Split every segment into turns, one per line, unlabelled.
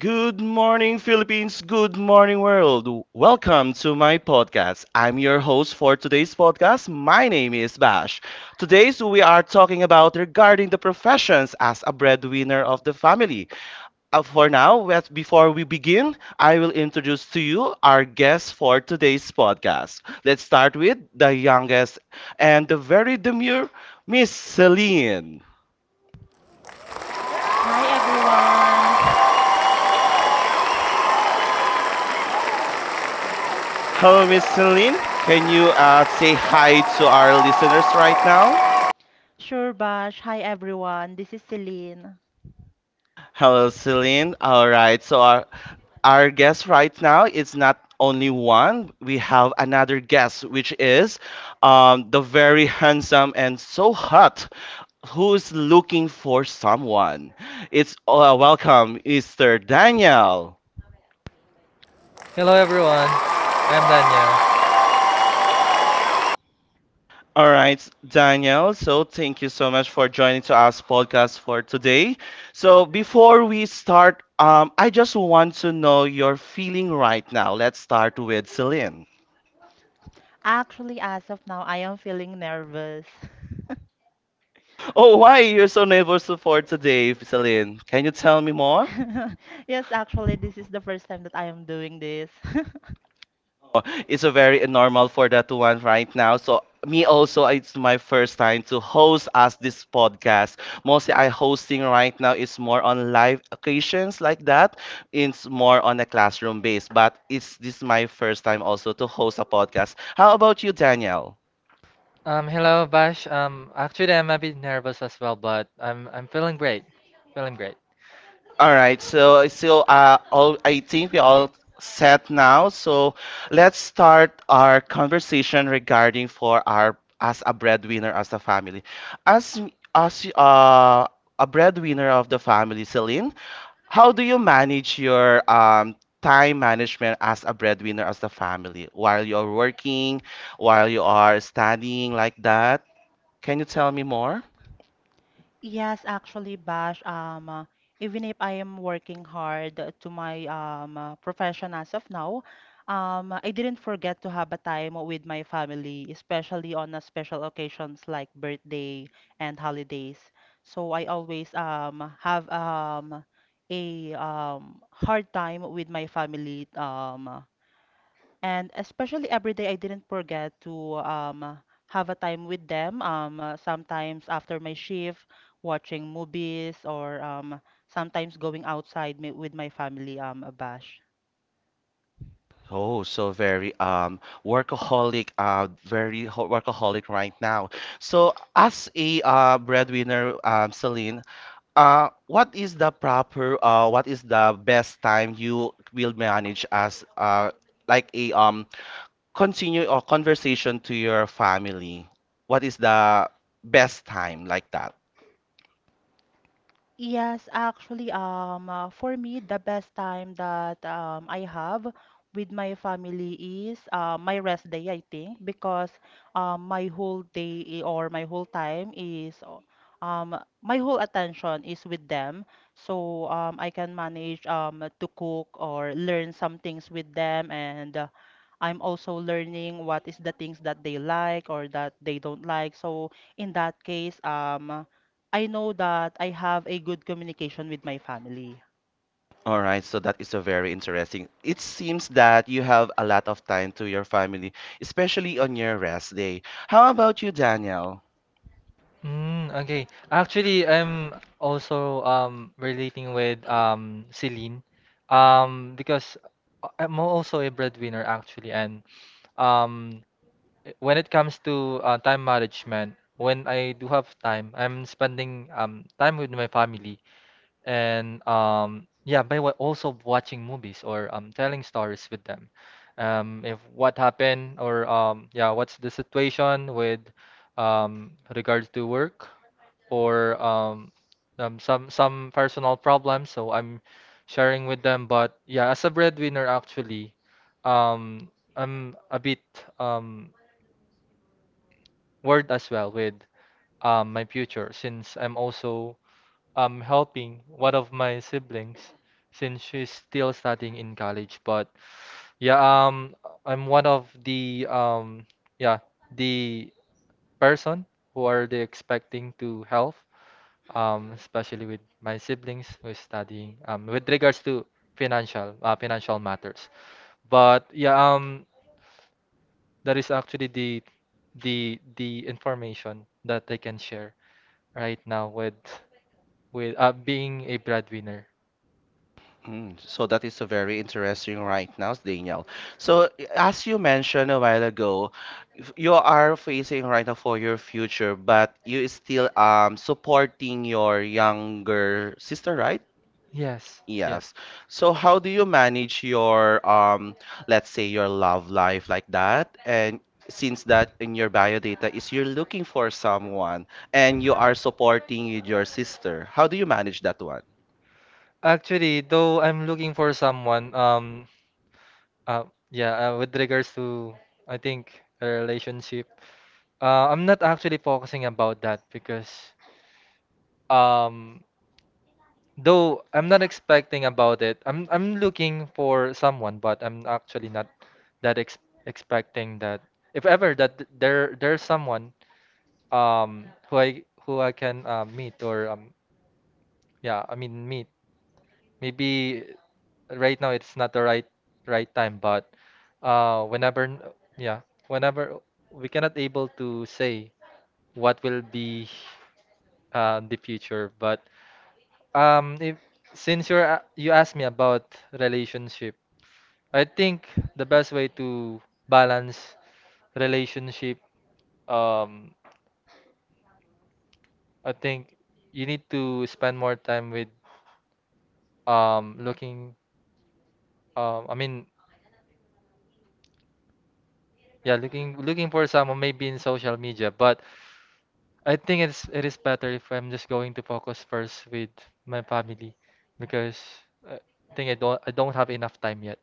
Good morning, Philippines. Good morning, world. Welcome to my podcast. I'm your host for today's podcast. My name is Bash. Today's we are talking about regarding the professions as a breadwinner of the family. Before we begin, I will introduce to you our guest for today's podcast. Let's start with the youngest and the very demure Miss Celine.
Hi everyone.
Hello, Miss Celine. Can you say hi to our listeners right now?
Sure Bash. Hi everyone. This is Celine.
Hello, Celine. All right. So our guest right now is not only one. We have another guest, which is the very handsome and so hot, who's looking for someone. It's welcome, Mr. Daniel.
Hello everyone. I'm Daniel.
All right, Daniel. So thank you so much for joining to us podcast for today. So before we start, I just want to know your feeling right now. Let's start with Celine.
Actually, as of now, I am feeling nervous.
Oh, why you're so nervous for today, Celine? Can you tell me more?
Yes, actually, this is the first time that I am doing this.
It's a very normal for that one right now. So me also, it's my first time to host as this podcast. Mostly I hosting right now is more on live occasions like that. It's more on a classroom base, but it's this my first time also to host a podcast. How about you, Daniel?
Hello Bash. Actually I'm a bit nervous as well, but I'm feeling great. Feeling great.
All right, so I still all I think we all set now. So let's start our conversation regarding for our as a breadwinner as a family. As as a breadwinner of the family, Celine, how do you manage your time management as a breadwinner as the family while you're working, while you are studying like that? Can you tell me more?
Yes, actually, Bash, even if I am working hard to my profession as of now, I didn't forget to have a time with my family, especially on special occasions like birthday and holidays. So I always have a hard time with my family. And especially every day, I didn't forget to have a time with them. Sometimes after my shift, watching movies, or sometimes going outside with my family a bash.
Oh, so very workaholic, very workaholic right now. So, as a breadwinner, Celine, what is the proper, what is the best time you will manage as like a continue or conversation to your family? What is the best time like that?
Yes, actually, for me, the best time that I have with my family is my rest day, I think, because my whole day I- or my whole time is my whole attention is with them. So I can manage to cook or learn some things with them, and I'm also learning what is the things that they like or that they don't like. So in that case, I know that I have a good communication with my family.
All right, so that is a very interesting. It seems that you have a lot of time to your family, especially on your rest day. How about you, Daniel?
Mm, okay. Actually I'm also relating with Celine. Because I'm also a breadwinner actually and um when it comes to time management, when I do have time, I'm spending time with my family and yeah by also watching movies or telling stories with them if what happened or yeah what's the situation with regards to work or some personal problems so I'm sharing with them but yeah as a breadwinner actually um I'm a bit um word as well with my future since I'm also helping one of my siblings since she's still studying in college. But yeah, I'm one of the yeah, the person who are they expecting to help, especially with my siblings who is studying with regards to financial financial matters. But yeah, that is actually the information that I can share right now with being a breadwinner.
So that is a very interesting right now, Daniel. So as you mentioned a while ago, if you are facing right now for your future, but you is still supporting your younger sister, right?
Yes, yes.
Yes. So how do you manage your let's say your love life like that? And since that in your bio data is you're looking for someone and you are supporting with your sister, how do you manage that?
Actually, though I'm looking for someone, uh, yeah, with regards to, I think, a relationship, I'm not actually focusing about that because, um, though I'm not expecting about it. I'm looking for someone, but I'm actually not that ex expecting that. If ever that there's someone who I can meet or yeah, I mean meat. Maybe right now it's not the right time, but whenever, yeah, whenever we cannot able to say what will be the future, but if since you're you asked me about relationship, I think the best way to balance relationship, um, I think you need to spend more time with looking I mean yeah looking for someone maybe in social media but I think it is better if I'm just going to focus first with my family because uh, I think I don't have enough time yet.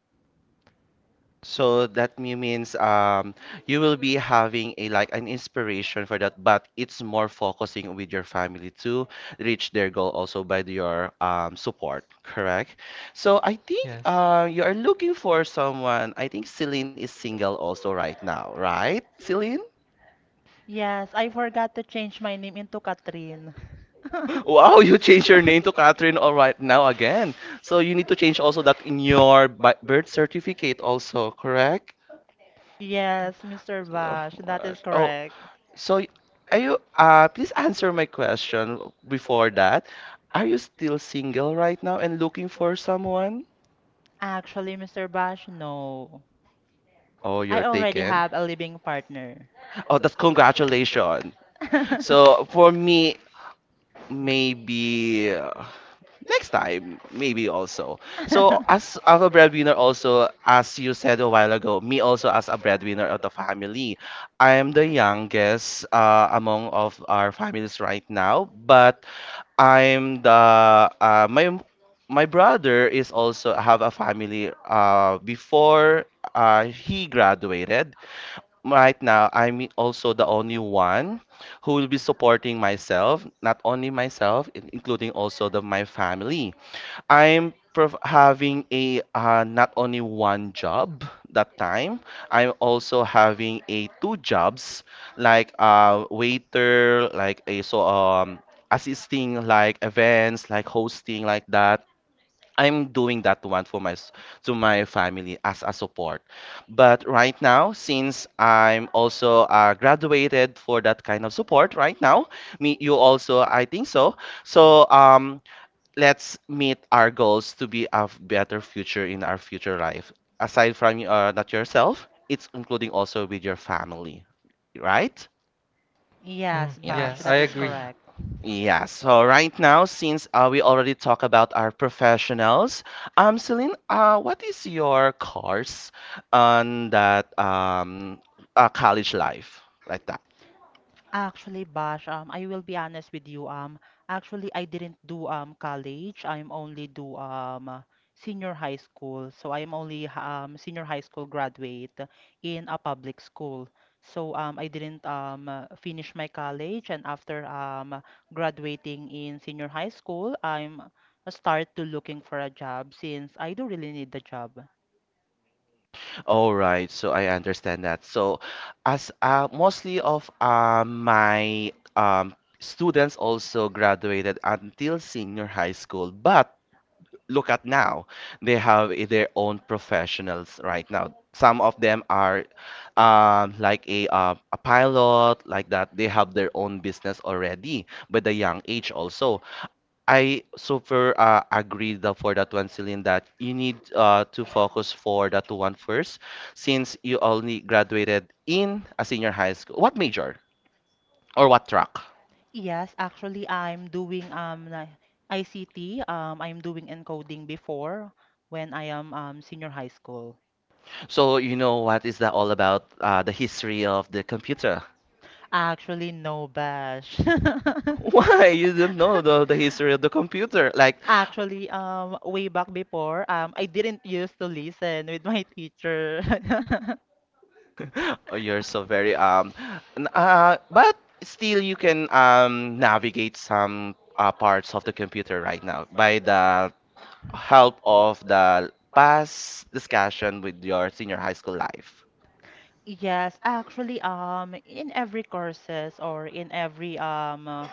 So that means you will be having a like an inspiration for that, but it's more focusing with your family to reach their goal also by your support, correct? So I think
Yes.
you are looking for someone. I think Celine is single also right now, right? Celine?
Yes, I forgot to change my name into Katrin.
Wow, you changed your name to Catherine all right now again. So you need to change also that in your birth certificate also, correct?
Yes, Mr.
Oh,
Bash, that is
gosh. Oh,
correct.
so, are you, please answer my question before that. Are you still single right now and looking for someone?
Actually, Mr. Bash, no.
Oh,
I
you're
already
taken.
have a living partner.
Oh, that's congratulations. So, for me, maybe next time, maybe also. So, as a breadwinner, also, as you said a while ago, me also as a breadwinner of the family, I am the youngest among of our families right now, but I'm the uh, my my brother is also have a family before he graduated. Right now, I'm also the only one who will be supporting myself, not only myself, in- including also the my family. I'm prof having a not only one job that time. I'm also having a two jobs like a waiter, like a so assisting like events, like hosting like that. I'm doing that one for my to my family as a support. But right now, since I'm also graduated for that kind of support right now, me you also I think so. So let's meet our goals to be a better future in our future life. Aside from not yourself, it's including also with your family, right?
Mm,
Yes,
yeah,
Bash,
Yes.
I
that is
agree.
correct.
Yeah, so right now, since we already talk about our professionals, Celine, what is your course on that college life like that?
Actually, Bash, I will be honest with you. Actually, I didn't do college. I'm only do senior high school. So I'm only senior high school graduate in a public school. So I didn't finish my college, and after graduating in senior high school, I'm start to looking for a job since I do really need the job.
All right, so I understand that. So, as mostly of my students also graduated until senior high school, but look at now, they have their own professionals right now. Some of them are like a a pilot like that. They have their own business already, but the young age also. I super agree for that one, Celine, that you need to focus for that one first, since you only graduated in a senior high school. What major or what track?
Yes, actually, I'm doing ICT. I'm doing encoding before when I am senior high school.
So you know what is that all about? The history of the computer.
Actually, no bash.
Why you don't know the history of the computer? Like,
Actually, way back before, I didn't used to listen with my teacher.
oh, you're so very but still you can navigate some parts of the computer right now by the help of the past discussion with your senior high school life.
Yes, actually, in every courses or in every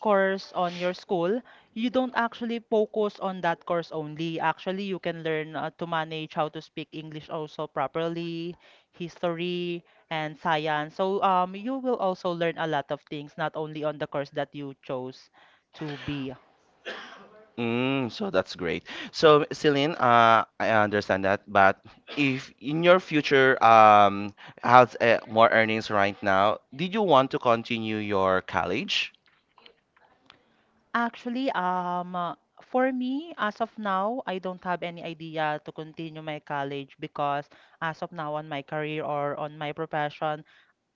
course on your school, you don't actually focus on that course only. Actually, you can learn to manage how to speak English also properly, history, and science. So you will also learn a lot of things, not only on the course that you chose to be.
So that's great. So, Celine, I understand that, but if in your future has more earnings right now, did you want to continue your college?
Actually, for me, as of now, I don't have any idea to continue my college because as of now on my career or on my profession,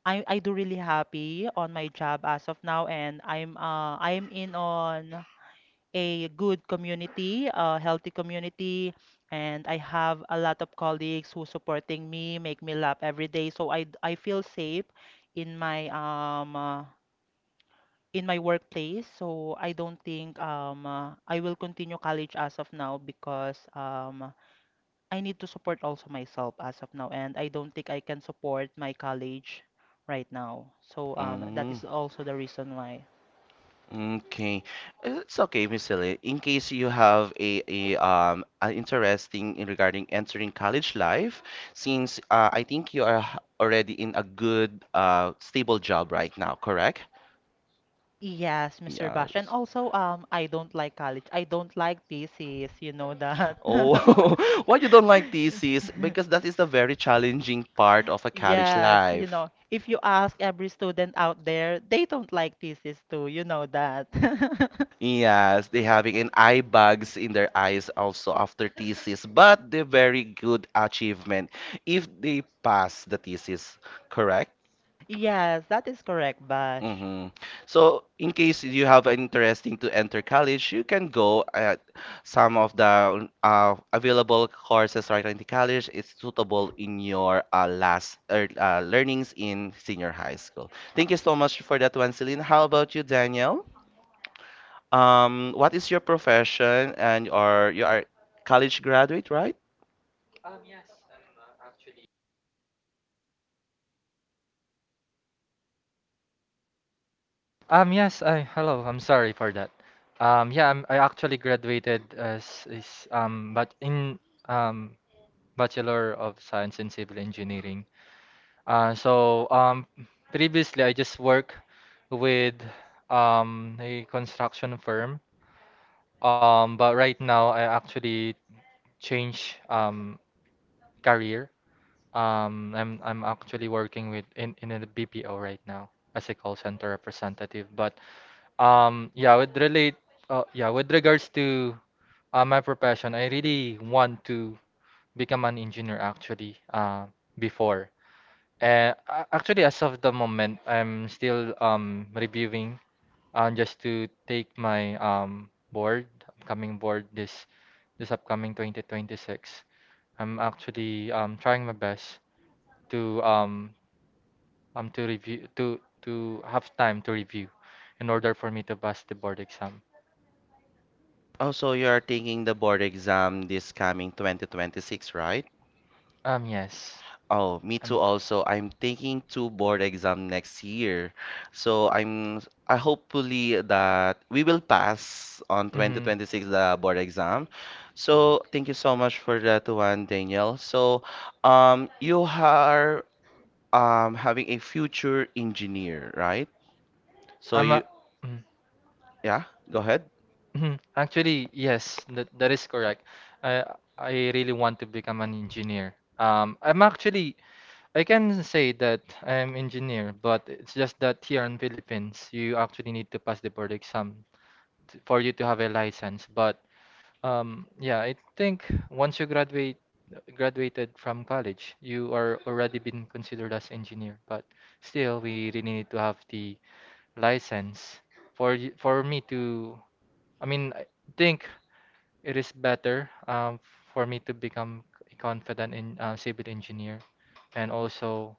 I do really happy on my job as of now and I'm in on a good community, a healthy community, and I have a lot of colleagues who supporting me, make me laugh every day. So I feel safe in my um uh, in my workplace. So I don't think I will continue college as of now because I need to support also myself as of now, and I don't think I can support my college right now. So that
Mm,
is also the reason why.
okay. It's okay, Miss Celine. In case you have a, an interesting in regarding entering college life, since I think you are already in a good stable job right now, correct?
Yes, Mr. Bash. And
Yes.
also, I don't like college. I don't like thesis. You know that.
Oh, why you don't like thesis?
Yes.
Because that is the very challenging part of a college
Yes, you
life.
know, if you ask every student out there, they don't like thesis too. You know that.
Yes, they having an eye bags in their eyes also after thesis, but the very good achievement if they pass the thesis, correct?
Yes, that is correct, Bash.
Mm-hmm. So, in case you have an interesting to enter college, you can go at some of the available courses right now in the college. It's suitable in your last learnings in senior high school. Thank you so much for that one, Celine. How about you, Daniel? What is your profession and or you are college graduate, right?
Yes, hello, I'm sorry for that. Yeah, I'm, I actually graduated as is, but in um, Bachelor of Science in Civil Engineering. Uh, so um, previously I just work with a construction firm. But right now I actually change career. I'm actually working with in a BPO right now as a call center representative. But yeah, with yeah, with regards to my profession, I really want to become an engineer actually, before. And actually, as of the moment, I'm still reviewing just to take my board, upcoming board this upcoming 2026. I'm actually trying my best to um to review to have time to review in order for me to pass the board exam.
Oh, so you are taking the board exam this coming 2026, right?
Yes.
Oh, me too also. I'm taking two board exam next year. So I hopefully that we will pass on
Um, mhm.
2026 the board exam. So thank you so much for that one, Daniel. So you are having a future engineer, right? So
Um, uh,
you
mm,
yeah, go ahead.
mhm. Actually, yes, that, that is correct. I I really want to become an engineer. I'm actually I can say that I am engineer, but it's just that here in Philippines, you actually need to pass the board exam for you to have a license. But yeah, I think once you graduated from college, you are already been considered as engineer. But still, we really need to have the license for for me to. I mean, I think it is better for me to become a confident in civil engineer, and also.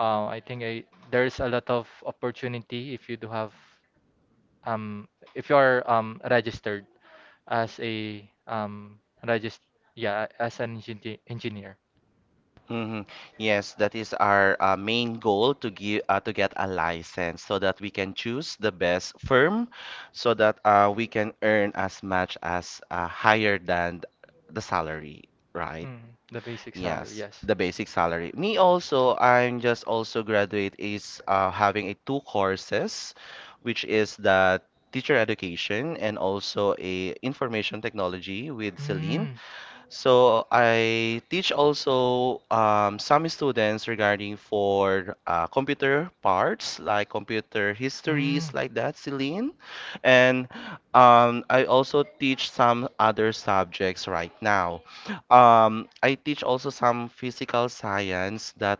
I think I, there's a lot of opportunity if you do have um if you are registered as a regist yeah as an engineer.
Hmm. Yes, that is our main goal to give to get a license so that we can choose the best firm so that we can earn as much as higher than the salary, right?
Mm, the basic salary,
Yes,
yes.
the basic salary. Me also, I'm just also graduate is having a two courses, which is the teacher education and also a information technology with Celine.
Mm.
So I teach also some students regarding for computer parts like computer histories like that, Celine. And I also teach some other subjects right now. I teach also some physical science that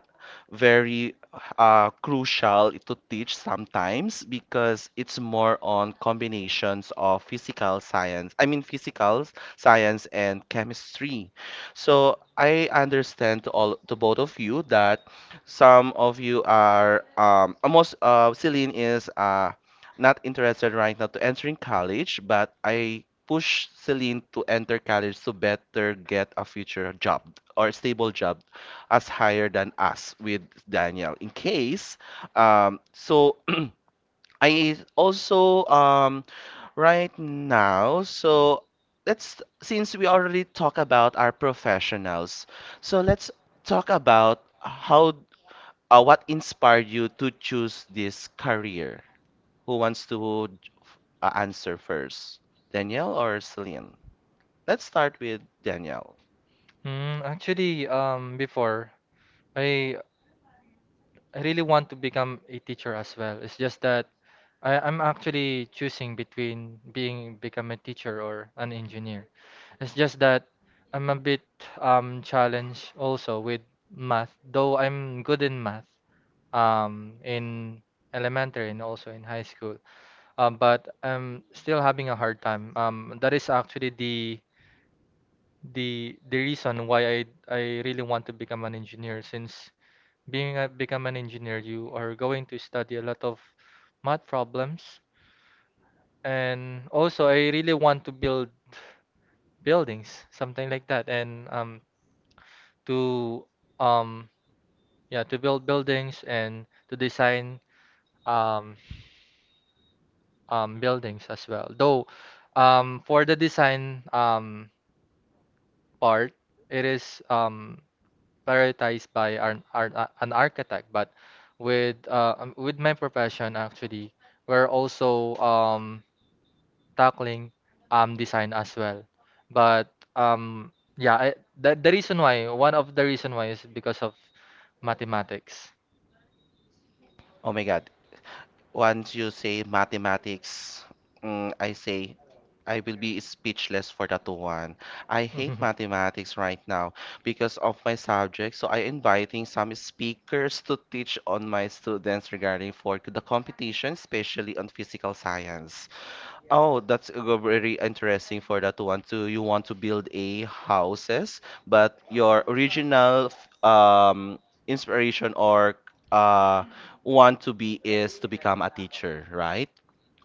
very crucial to teach sometimes because it's more on combinations of physical science. I mean physical science and chemistry. So I understand to all to both of you that some of you are almost Celine is not interested right now to entering college, but I push Celine to enter college to better get a future job or stable job as higher than us with Daniel in case so I also right now, so let's since we already talk about our professionals, so let's talk about how what inspired you to choose this career. Who wants to answer first? Danielle or Celine? Let's start with Danielle.
Mm, actually, before I I really want to become a teacher as well. It's just that I'm actually choosing between being become a teacher or an engineer. It's just that I'm a bit challenged also with math, though I'm good in math in elementary and also in high school. But I'm still having a hard time. That is actually the reason why I really want to become an engineer since being a, become an engineer you are going to study a lot of math problems and also I really want to build buildings something like that and to um yeah to build buildings and to design um buildings as well though for the design part it is prioritized by an architect, but with my profession actually, we're also tackling design as well. But yeah, I, the reason why, one of the reason why is because of mathematics.
Oh my God. Once you say mathematics, I say I will be speechless for that one. I hate mathematics right now because of my subject. So I inviting some speakers to teach on my students regarding for the competition, especially on physical science. Oh, that's very interesting for that one too. You want to build a houses, but your original inspiration or uh want to be is to become a teacher, right?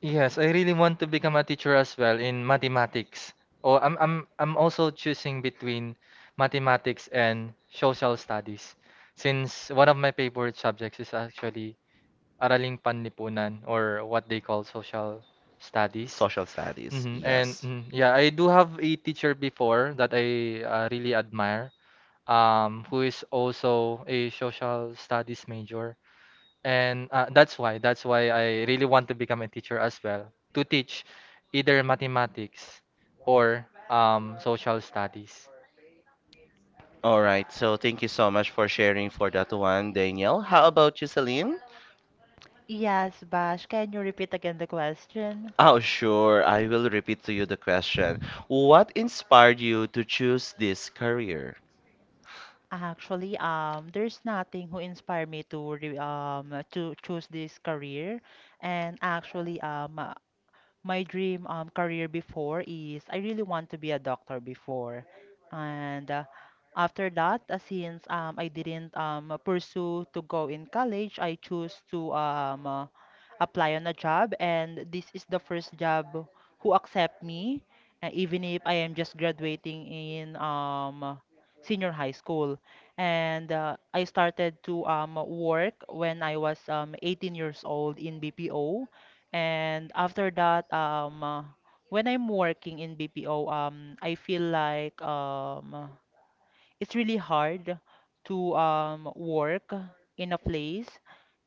Yes, I really want to become a teacher as well in mathematics. I'm also choosing between mathematics and social studies since one of my favorite subjects is actually araling panlipunan or what they call social studies.
Social studies,
Hmm And
yes.
mm, yeah, I do have a teacher before that I really admire, who is also a social studies major. And that's why I really want to become a teacher as well, to teach either mathematics or social studies.
All right, so thank you so much for sharing for that one, Danielle. How about you, Celine?
Yes, Bash, can you repeat again the question?
Oh, sure. I will repeat to you the question. What inspired you to choose this career?
Actually, there's nothing who inspired me to re to choose this career, and actually, my dream career before is I really want to be a doctor before. And after that, since I didn't pursue to go in college, I choose to apply on a job. And this is the first job who accept me, even if I am just graduating in senior high school. And I started to work when I was 18 years old in BPO and after that, when I'm working in BPO, I feel like it's really hard to work in a place.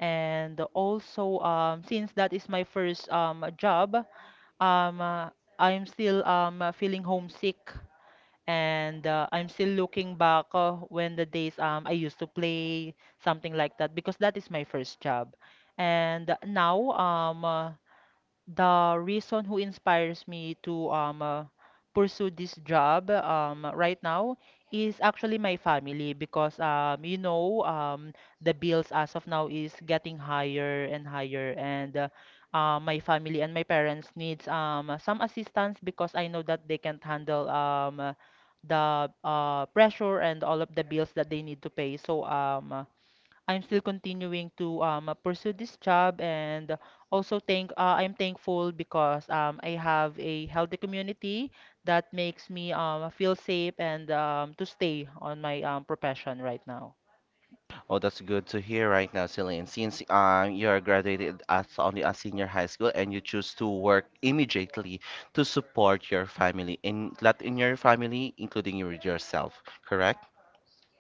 And also, since that is my first job, um, uh, I'm still feeling homesick. And I'm still looking back when the days I used to play, something like that, because that is my first job. And now, the reason who inspires me to pursue this job right now is actually my family because you know the bills as of now is getting higher and higher and my family and my parents needs some assistance because I know that they can't handle the pressure and all of the bills that they need to pay so I'm still continuing to pursue this job and also thank I'm thankful because I have a healthy community that makes me feel safe and to stay on my profession right now.
Oh, that's good to hear right now, Celine. Since you are graduated at only a senior high school and you choose to work immediately to support your family, in that in your family, including you with yourself, correct?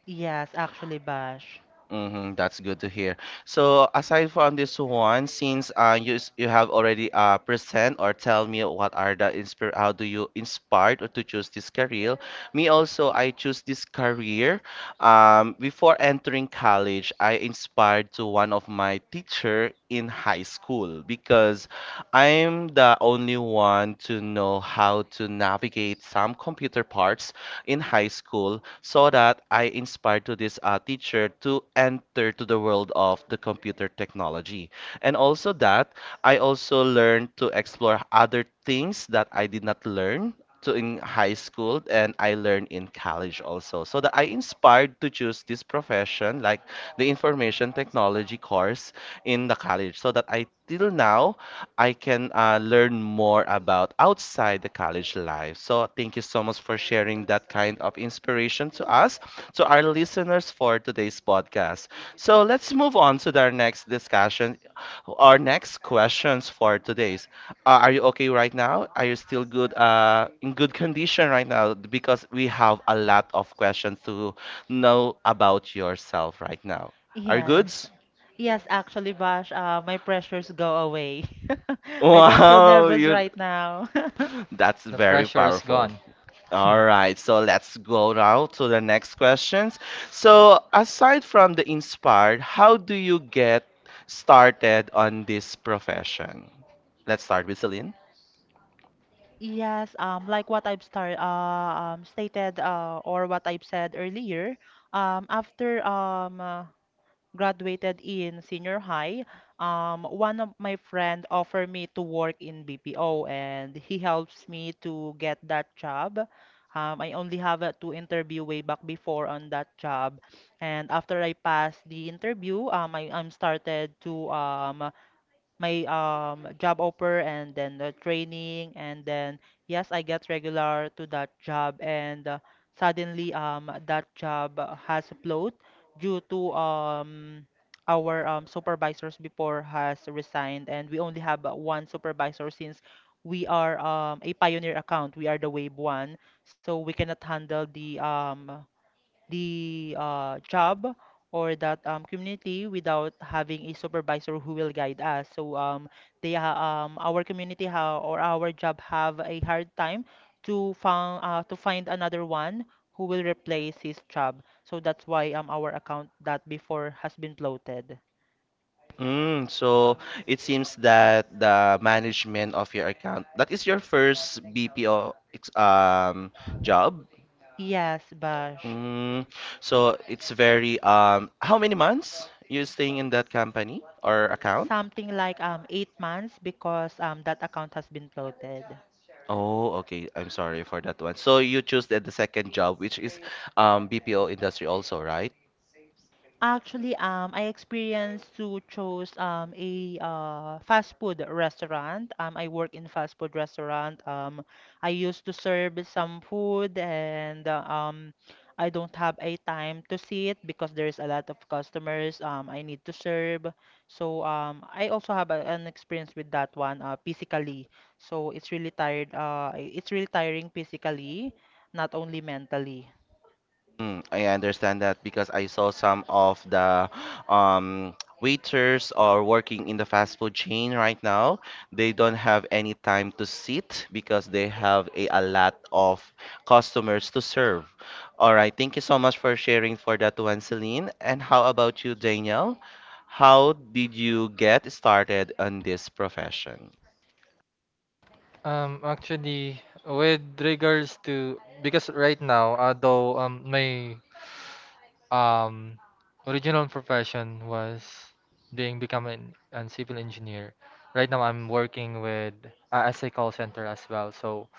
Yes, actually, Bash.
Mm-hmm, that's good to hear. So aside from this one, since you you have already present or tell me what are the inspire how do you inspired or to choose this career? Me also I choose this career. Before entering college, I inspired to one of my teacher in high school because I'm the only one to know how to navigate some computer parts in high school so that I inspired to this teacher to enter to the world of the computer technology. And also that I also learned to explore other things that I did not learn to in high school and I learned in college also. So that I inspired to choose this profession like the information technology course in the college so that I till now I can learn more about outside the college life. So, thank you so much for sharing that kind of inspiration to us, to our listeners for today's podcast. So, let's move on to our next discussion, our next questions for today's. Are you okay right now? Are you still good, in good condition right now? Because we have a lot of questions to know about yourself right now. Are you
Yes.
goods?
Yes, actually, Bash, my pressures go away. I don't feel
Wow,
nervous
you
right now.
that's
The
very
pressure is
powerful.
gone.
All right, so let's go now to the next questions. So, aside from the inspired, how do you get started on this profession? Let's start with Celine.
Yes, like what I've start. Stated or what I've said earlier, after graduated in senior high, one of my friend offered me to work in BPO and he helps me to get that job. I only have to interview way back before on that job. And after I passed the interview, I, I'm started to my job offer and then the training and then yes I get regular to that job and suddenly that job has float due to our supervisors before has resigned and we only have 1 supervisor since we are a pioneer account we are the wave 1 so we cannot handle the the job or that community without having a supervisor who will guide us. So they ha- our community or our job have a hard time to found to find another one who will replace his job. So that's why our account that before has been bloated.
Mm, so it seems that the management of your account, that is your first BPO job.
Yes, Bash.
Mm, so it's very how many months you staying in that company or account?
Something like 8 months because that account has been bloated.
Oh, okay. I'm sorry for that one. So you choose the second job, which is BPO industry also, right?
Actually, I experienced to choose a fast food restaurant. I work in fast food restaurant. I used to serve some food and I don't have a time to sit because there is a lot of customers. I need to serve. So I also have a, an experience with that one physically. So it's really tired. It's really tiring physically, not only mentally.
Mm, I understand that because I saw some of the um, waiters are working in the fast food chain right now. They don't have any time to sit because they have a lot of customers to serve. All right, thank you so much for sharing for that one, Celine. And how about you, Daniel? How did you get started on this profession?
Actually, with regards to because right now, although my um original profession was being becoming an civil engineer, right now I'm working with as a call center as well. So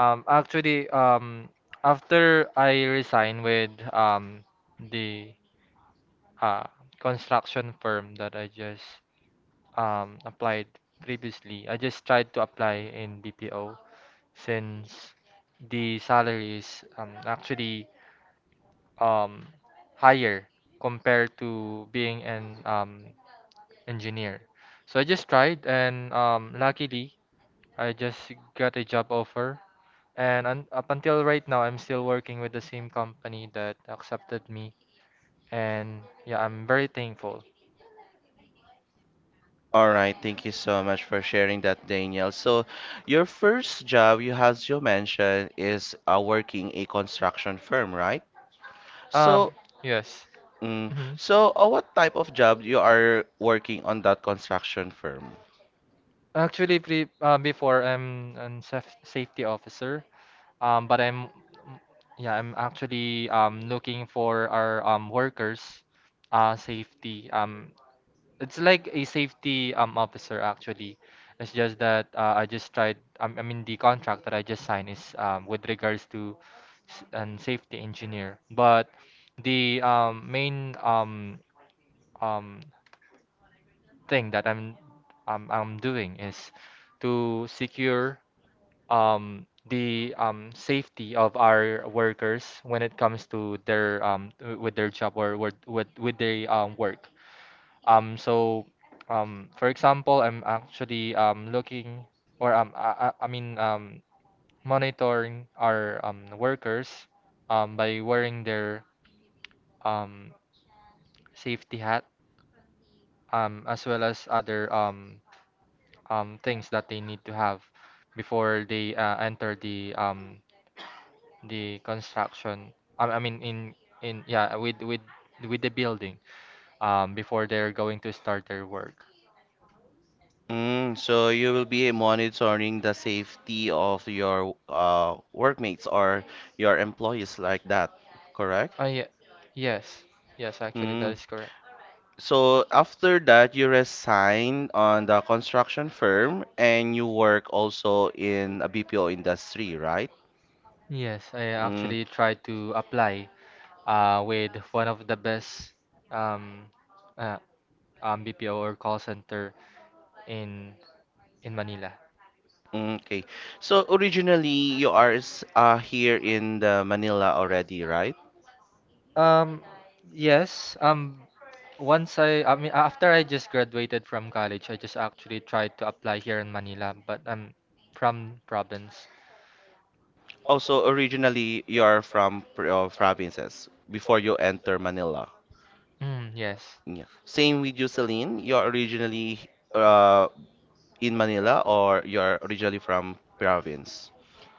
Actually, after I resigned with the uh, construction firm that I just applied previously, I just tried to apply in BPO since the salary is actually um, higher compared to being an engineer. So I just tried, and luckily, I just got a job offer. And un up until right now, I'm still working with the same company that accepted me. And yeah, I'm very thankful.
All right, thank you so much for sharing that, Daniel. So, your first job, you as you mentioned, is working a construction firm, right?
Um,
So,
yes. hmm
what type of job you are working on that construction firm?
Actually, pre before I'm an safety officer. But I'm, yeah, I'm actually looking for our workers, safety. It's like a safety officer actually. It's just that I just tried. I mean the contract that I just signed is with regards to an safety engineer. But the main um thing that I'm doing is to secure the safety of our workers when it comes to their with their job or with their work. Um, so, for example, I'm actually looking or I mean monitoring our workers by wearing their um, safety hat as well as other things that they need to have before they enter the construction. I mean in yeah with with the building before they're going to start their work.
Mm, so you will be monitoring the safety of your workmates or your employees like that, correct?
Yeah. Yes. Yes, actually, that
Mm.
is correct.
So after that, you resign on the construction firm and you work also in a BPO industry, right?
Yes, I
Mm,
actually tried to apply with one of the best um, uh, BPO or call center in in Manila.
okay. So originally, you are here in the Manila already, right?
Um, yes. Once I mean, after I just graduated from college, I just actually tried to apply here in Manila, but I'm from province.
Oh, so originally you are from provinces before you enter Manila.
Mm, yes.
Yeah. Same with you, Celine. You are originally uh, in Manila or you are originally from province?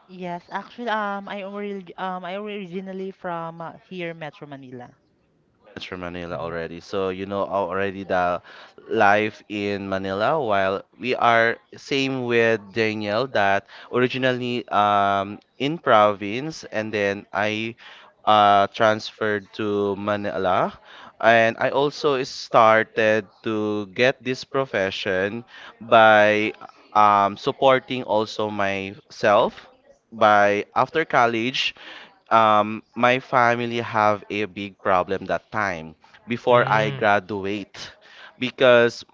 Yes, actually, I originally from here, Metro Manila.
Much for Manila already. So you know already the life in Manila. While we are same with Daniel that originally in province and then I transferred to Manila and I also started to get this profession by supporting also myself by after college my family have a big problem that time before I
Mm.
graduate because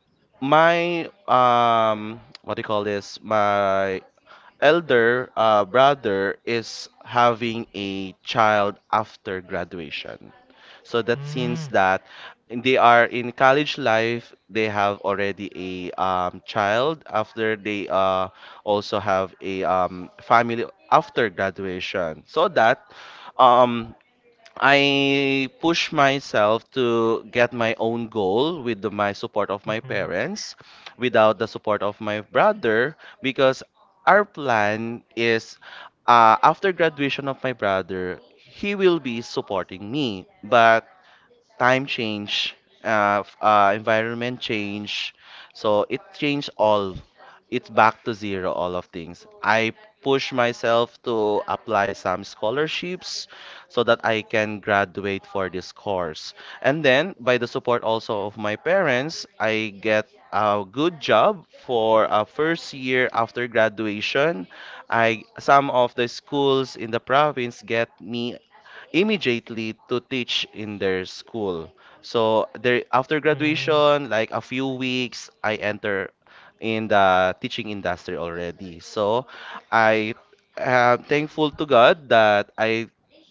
my what do you call this my elder brother is having a child after graduation. So that means
Mm.
that they are in college life, they have already a child after they also have a family after graduation. So that um, I push myself to get my own goal with my support of
the,
my
Mhm.
parents, without the support of my brother, because our plan is after graduation of my brother, he will be supporting me. But time change, environment change. So it changed all. It's back to zero, all of things. I push myself to apply some scholarships so that I can graduate for this course. And then, by the support also of my parents, I get a good job for a first year after graduation. I some of the schools in the province get me immediately to teach in their school. So
Mm. Mm.
there after graduation, like a few weeks, I enter in the teaching industry already. So I am thankful to God that I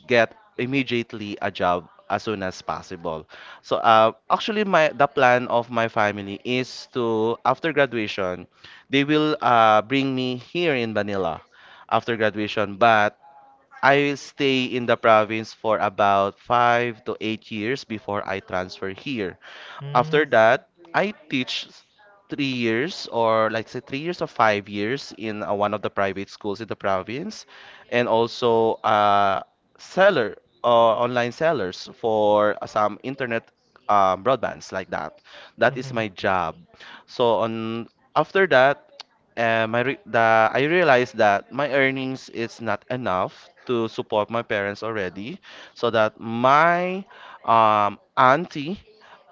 get immediately a job as soon as possible. So actually my the plan of my family is to after graduation, they will bring me here in Manila after graduation, but I will stay in the province for about 5 to 8 years before I transfer here. After
Mm.
that, I teach 3 years or like say 3 years or 5 years in one of the private schools in the province, and also seller online sellers for some internet broadbands like that. That is
Mhm.
my job. So on after that I I realized that my earnings is not enough to support my parents already, so that my auntie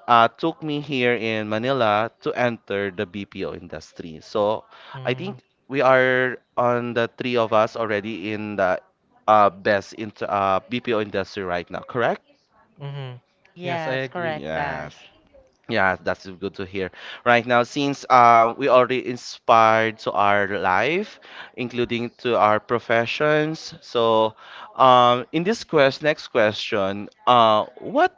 took me here in Manila to enter the BPO industry. So
I
I think
Mm.
we are on the three of us already in the best in BPO industry right now, correct?
Mhm. Yes, I
Yes,
agree.
correct,
Yes.
Bash.
Yeah, that's good to hear. Right now, since we already inspired to our life, including to our professions. So, in this quest, next question, what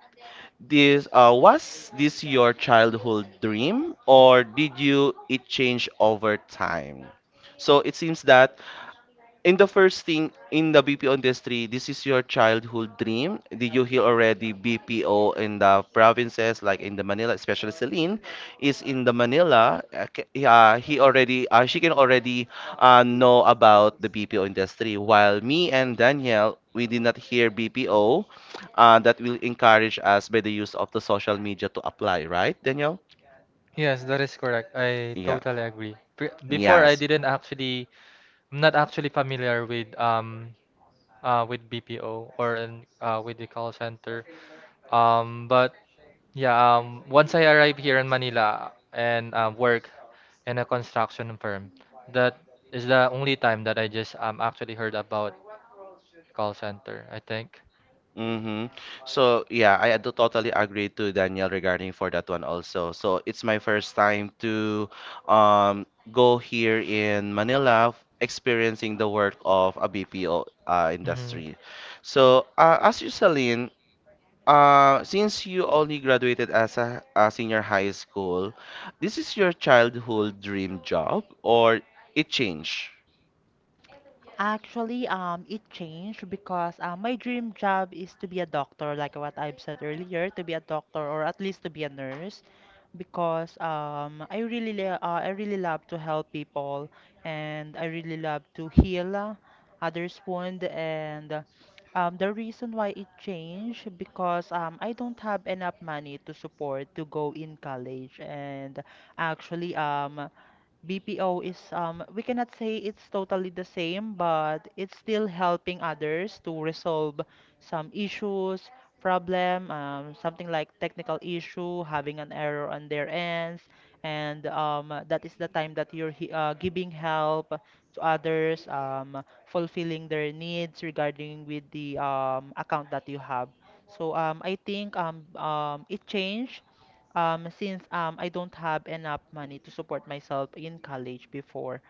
this was this your childhood dream, or did you it change over time? So it seems that in the first thing in the BPO industry, this is your childhood dream. Did you hear already BPO in the provinces like in the Manila, especially Celine is in the Manila. He already she can already know about the BPO industry. While me and Danielle, we did not hear BPO. That will encourage us by the use of the social media to apply, right, Danielle?
Yes, that is correct. I
Yeah.
totally agree. Pre before I
Yes.
didn't actually, I'm not actually familiar with BPO or an with the call center. But yeah, once I arrived here in Manila and work in a construction firm, that is the only time that I just actually heard about call center, I think.
Mm-hmm. So yeah, I do totally agree to Daniel regarding for that one also. So it's my first time to um go here in Manila experiencing the work of a BPO
Hmm
industry. So as you Celine, since you only graduated as a senior high school, this is your childhood dream job or it changed?
Actually, it changed because my dream job is to be a doctor, like what I've said earlier, to be a doctor or at least to be a nurse, because I really love to help people, and I really love to heal others' wound. And the reason why it changed because I don't have enough money to support to go in college, and actually, BPO is we cannot say it's totally the same, but it's still helping others to resolve some issues, problem, something like technical issue, having an error on their ends, and that is the time that you're giving help to others, fulfilling their needs regarding with the account that you have. So I think it changed since I don't have enough money to support myself in college before.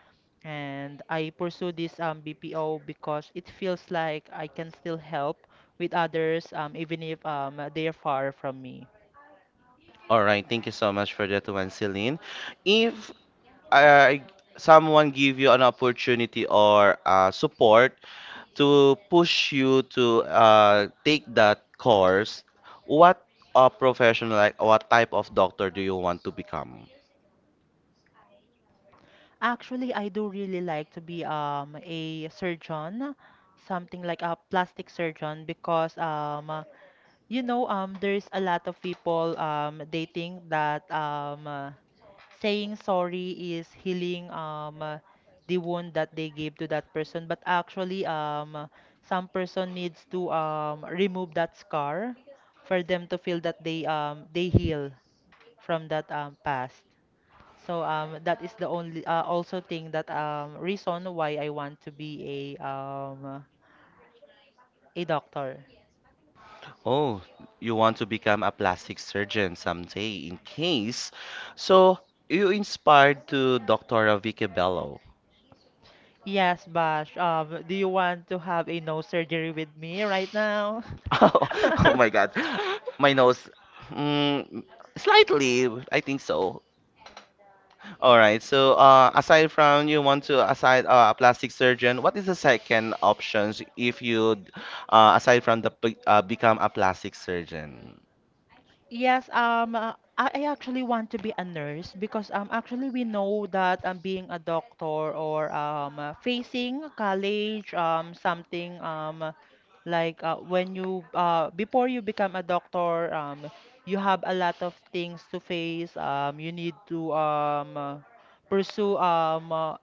And I pursue this BPO because it feels like I can still help with others even if they are far from me.
All right, thank you so much for that one, Celine. If I someone give you an opportunity or support to push you to take that course, what profession, like what type of doctor do you want to become?
Actually, I do really like to be a surgeon, something like a plastic surgeon because you know there's a lot of people they think that saying sorry is healing the wound that they gave to that person but actually some person needs to remove that scar for them to feel that they heal from that past so that is the only also thing that reason why I want to be a doctor.
Oh, you want to become a plastic surgeon someday in case. So you inspired to Dr. Vicky Bello.
Yes Bash, do you want to have a nose surgery with me right now?
Oh, my God. My nose. Mm, slightly, I think so. All right. So, aside from you want to aside a plastic surgeon, what is the second options if you, aside from become a plastic surgeon?
Yes, I actually want to be a nurse because actually we know that being a doctor or facing college, something like when you before you become a doctor, you have a lot of things to face. You need to pursue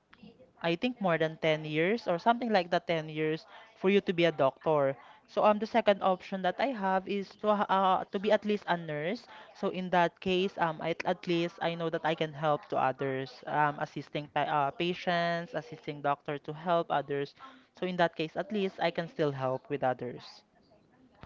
I think more than 10 years or something like that, 10 years for you to be a doctor. So the second option that I have is to be at least a nurse. So in that case at least I know that I can help to others, assisting patients, assisting doctor to help others. So in that case at least I can still help with others.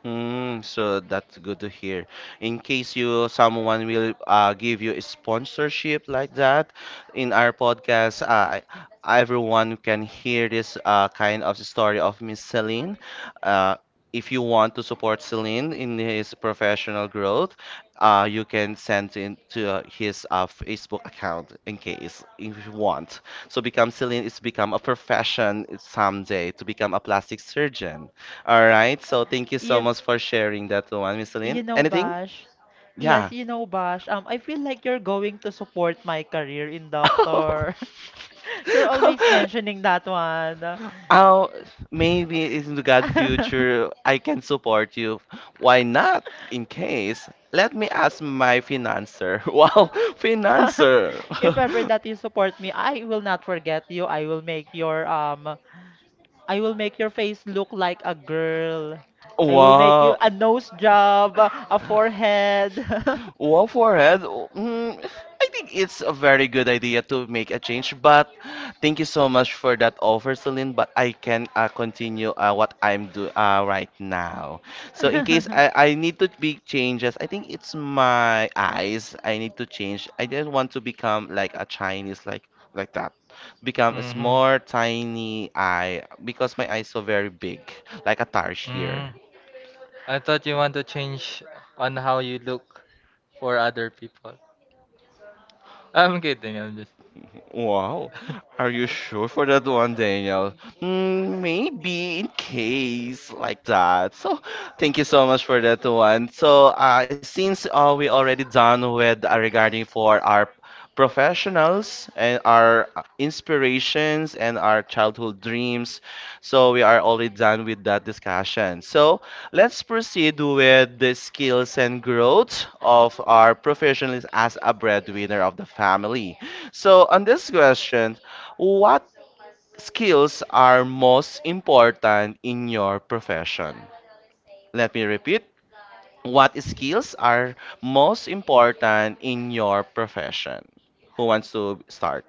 Mm, so that's good to hear. In case you someone will give you a sponsorship like that in our podcast, everyone can hear this kind of story of Miss Celine. Uh, if you want to support Celine in his professional growth, you can send in to his Facebook account in case if you want. So become Celine is become a profession someday to become a plastic surgeon. All right. So thank you so
Yeah,
much for sharing that one, Miss Celine.
you know,
Anything?
Bash.
Yeah.
Yes, you know, Bash. I feel like you're going to support my career in doctor. You're always mentioning that one.
Oh, maybe in the God future, I can support you. Why not? In case, let me ask my financer. Wow, financer.
If ever that you support me, I will not forget you. I will make your face look like a girl. I will make you
Wow.
a nose job, a forehead.
Well, forehead, mm, I think it's a very good idea to make a change, but thank you so much for that offer, Celine. But I can continue what I'm doing right now. So in case I need to make changes, I think it's my eyes I need to change. I don't want to become like a Chinese, like that. Become a
hmm
small, tiny eye because my eyes so very big, like a
Mm.
tarsier.
I thought you want to change on how you look for other people. I'm kidding, I'm just.
Wow, are you sure for that one, Daniel? Mm, maybe in case like that. So, thank you so much for that one. So, since we already done with regarding for our professionals and our inspirations and our childhood dreams, so we are already done with that discussion. So, let's proceed with the skills and growth of our professionals as a breadwinner of the family. So, on this question, what skills are most important in your profession? Let me repeat. What skills are most important in your profession? Who wants to start?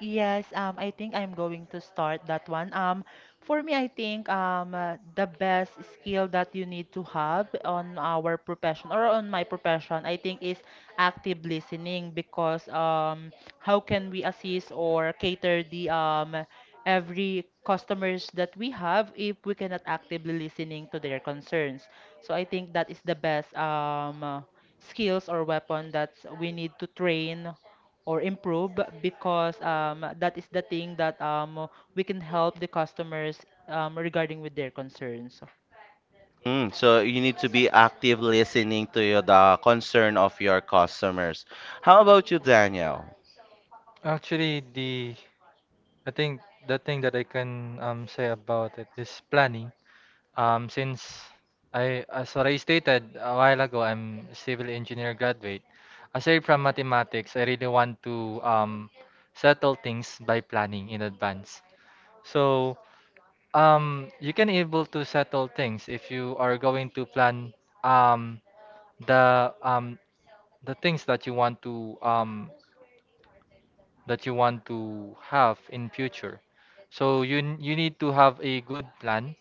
Yes, I think I'm going to start that one. For me, I think the best skill that you need to have on our profession or on my profession, I think, is active listening because how can we assist or cater the every customers that we have if we cannot actively listening to their concerns? So I think that is the best skills or weapon that we need to train or improve because that is the thing that we can help the customers regarding with their concerns.
Mm, so you need to be active listening to the concern of your customers. How about you, Daniel?
Actually, the I think the thing that I can say about it is planning. Since I, as what I stated a while ago, I'm a civil engineer graduate. Aside from mathematics, I really want to settle things by planning in advance. So you can able to settle things if you are going to plan um the um the things that you want to that you want to have in future. So you need to have a good plan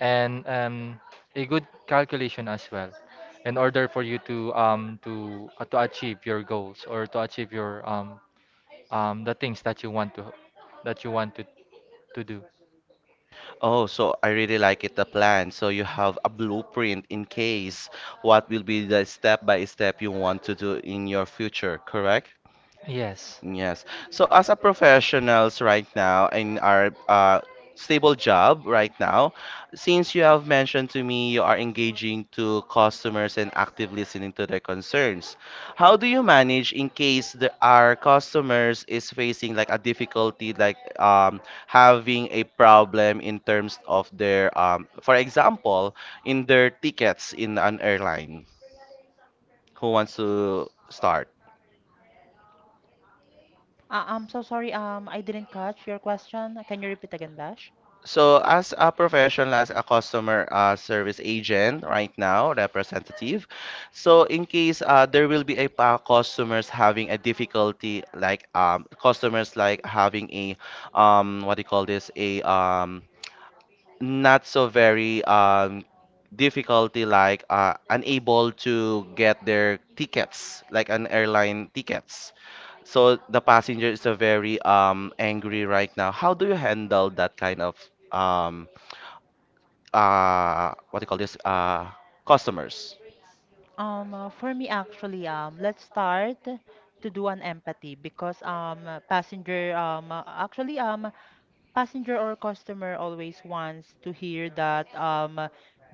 and a good calculation as well in order for you to achieve your goals or to achieve your the things that you want to that you want to do.
Oh, so I really like it, the plan. So you have a blueprint in case what will be the step by step you want to do in your future, correct?
Yes.
Yes. So as a professionals right now in our stable job right now, since you have mentioned to me you are engaging to customers and active listening to their concerns, how do you manage in case our customers is facing like a difficulty, like having a problem in terms of their, for example, in their tickets in an airline? Who wants to start?
I'm so sorry, I didn't catch your question. Can you repeat again, Dash?
So, as a professional, as a customer service agent right now, representative, so in case there will be a pa customers having a difficulty, like customers like having a what do you call this, a not so very difficulty like unable to get their tickets like an airline tickets, so the passenger is a very angry right now. How do you handle that kind of um what do you call this, customers?
For me actually, let's start to do an empathy because passenger actually passenger or customer always wants to hear that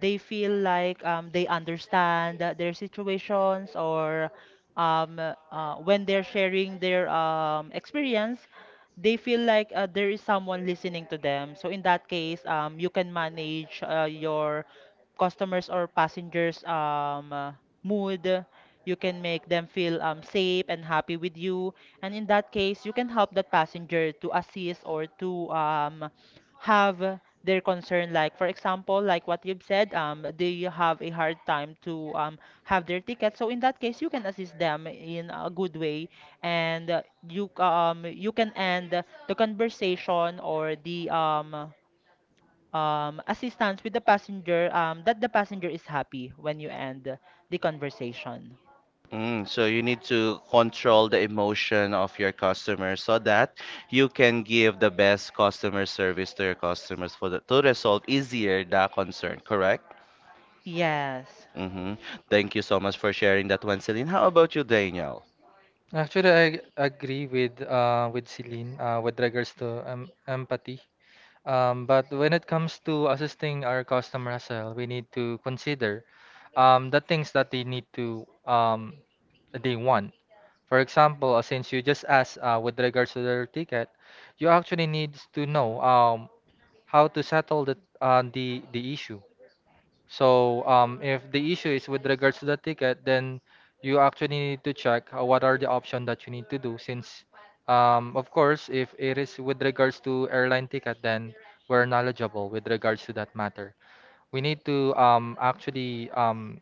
they feel like they understand that their situations, or when they're sharing their experience they feel like there is someone listening to them. So in that case you can manage your customers or passengers mood. You can make them feel safe and happy with you, and in that case you can help that passenger to assist or to have their concern, like for example like what you've said, they have a hard time to have their ticket. So in that case you can assist them in a good way, and you can end the conversation or the assistance with the passenger, that the passenger is happy when you end the conversation.
Mm, so you need to control the emotion of your customers so that you can give the best customer service to your customers for to resolve easier the concern, correct?
Yes.
Mm-hmm. Thank you so much for sharing that one, Celine. How about you, Daniel?
Actually, I agree with Celine with regards to empathy. But when it comes to assisting our customer as well, we need to consider the things that they need to they want. For example, since you just asked with regards to their ticket, you actually need to know how to settle the issue. So if the issue is with regards to the ticket, then you actually need to check what are the options that you need to do. Since, of course, if it is with regards to airline ticket, then we're knowledgeable with regards to that matter. We need to actually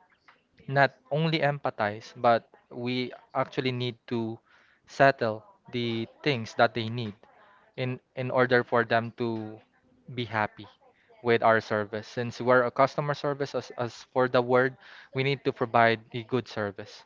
not only empathize, but we actually need to settle the things that they need in order for them to be happy with our service. Since we're a customer service, as for the word, we need to provide the good service.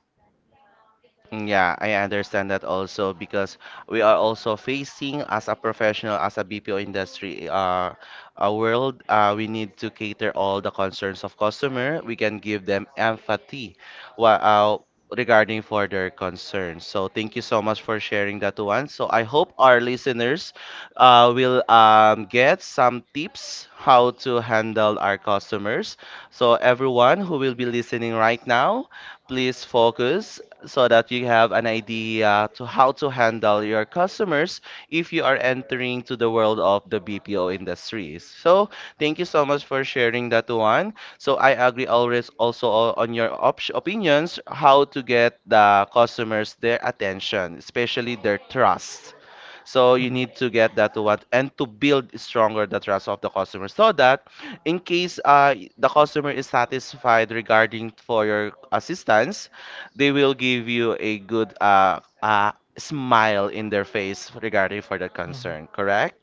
Yeah, I understand that also because we are also facing as a professional, as a BPO industry, a world, we need to cater all the concerns of customer. We can give them empathy wha- uh, regarding for their concerns. So thank you so much for sharing that one. So I hope our listeners will get some tips how to handle our customers. So everyone who will be listening right now, please focus so that you have an idea to how to handle your customers if you are entering to the world of the BPO industries. So thank you so much for sharing that one. So I agree always also on your opinions how to get the customers their attention, especially their trust. So
Mhm.
you
Mhm.
need to get that one and to build stronger the trust of the customer so that in case the customer is satisfied regarding for your assistance, they will give you a good smile in their face regarding for that concern, correct?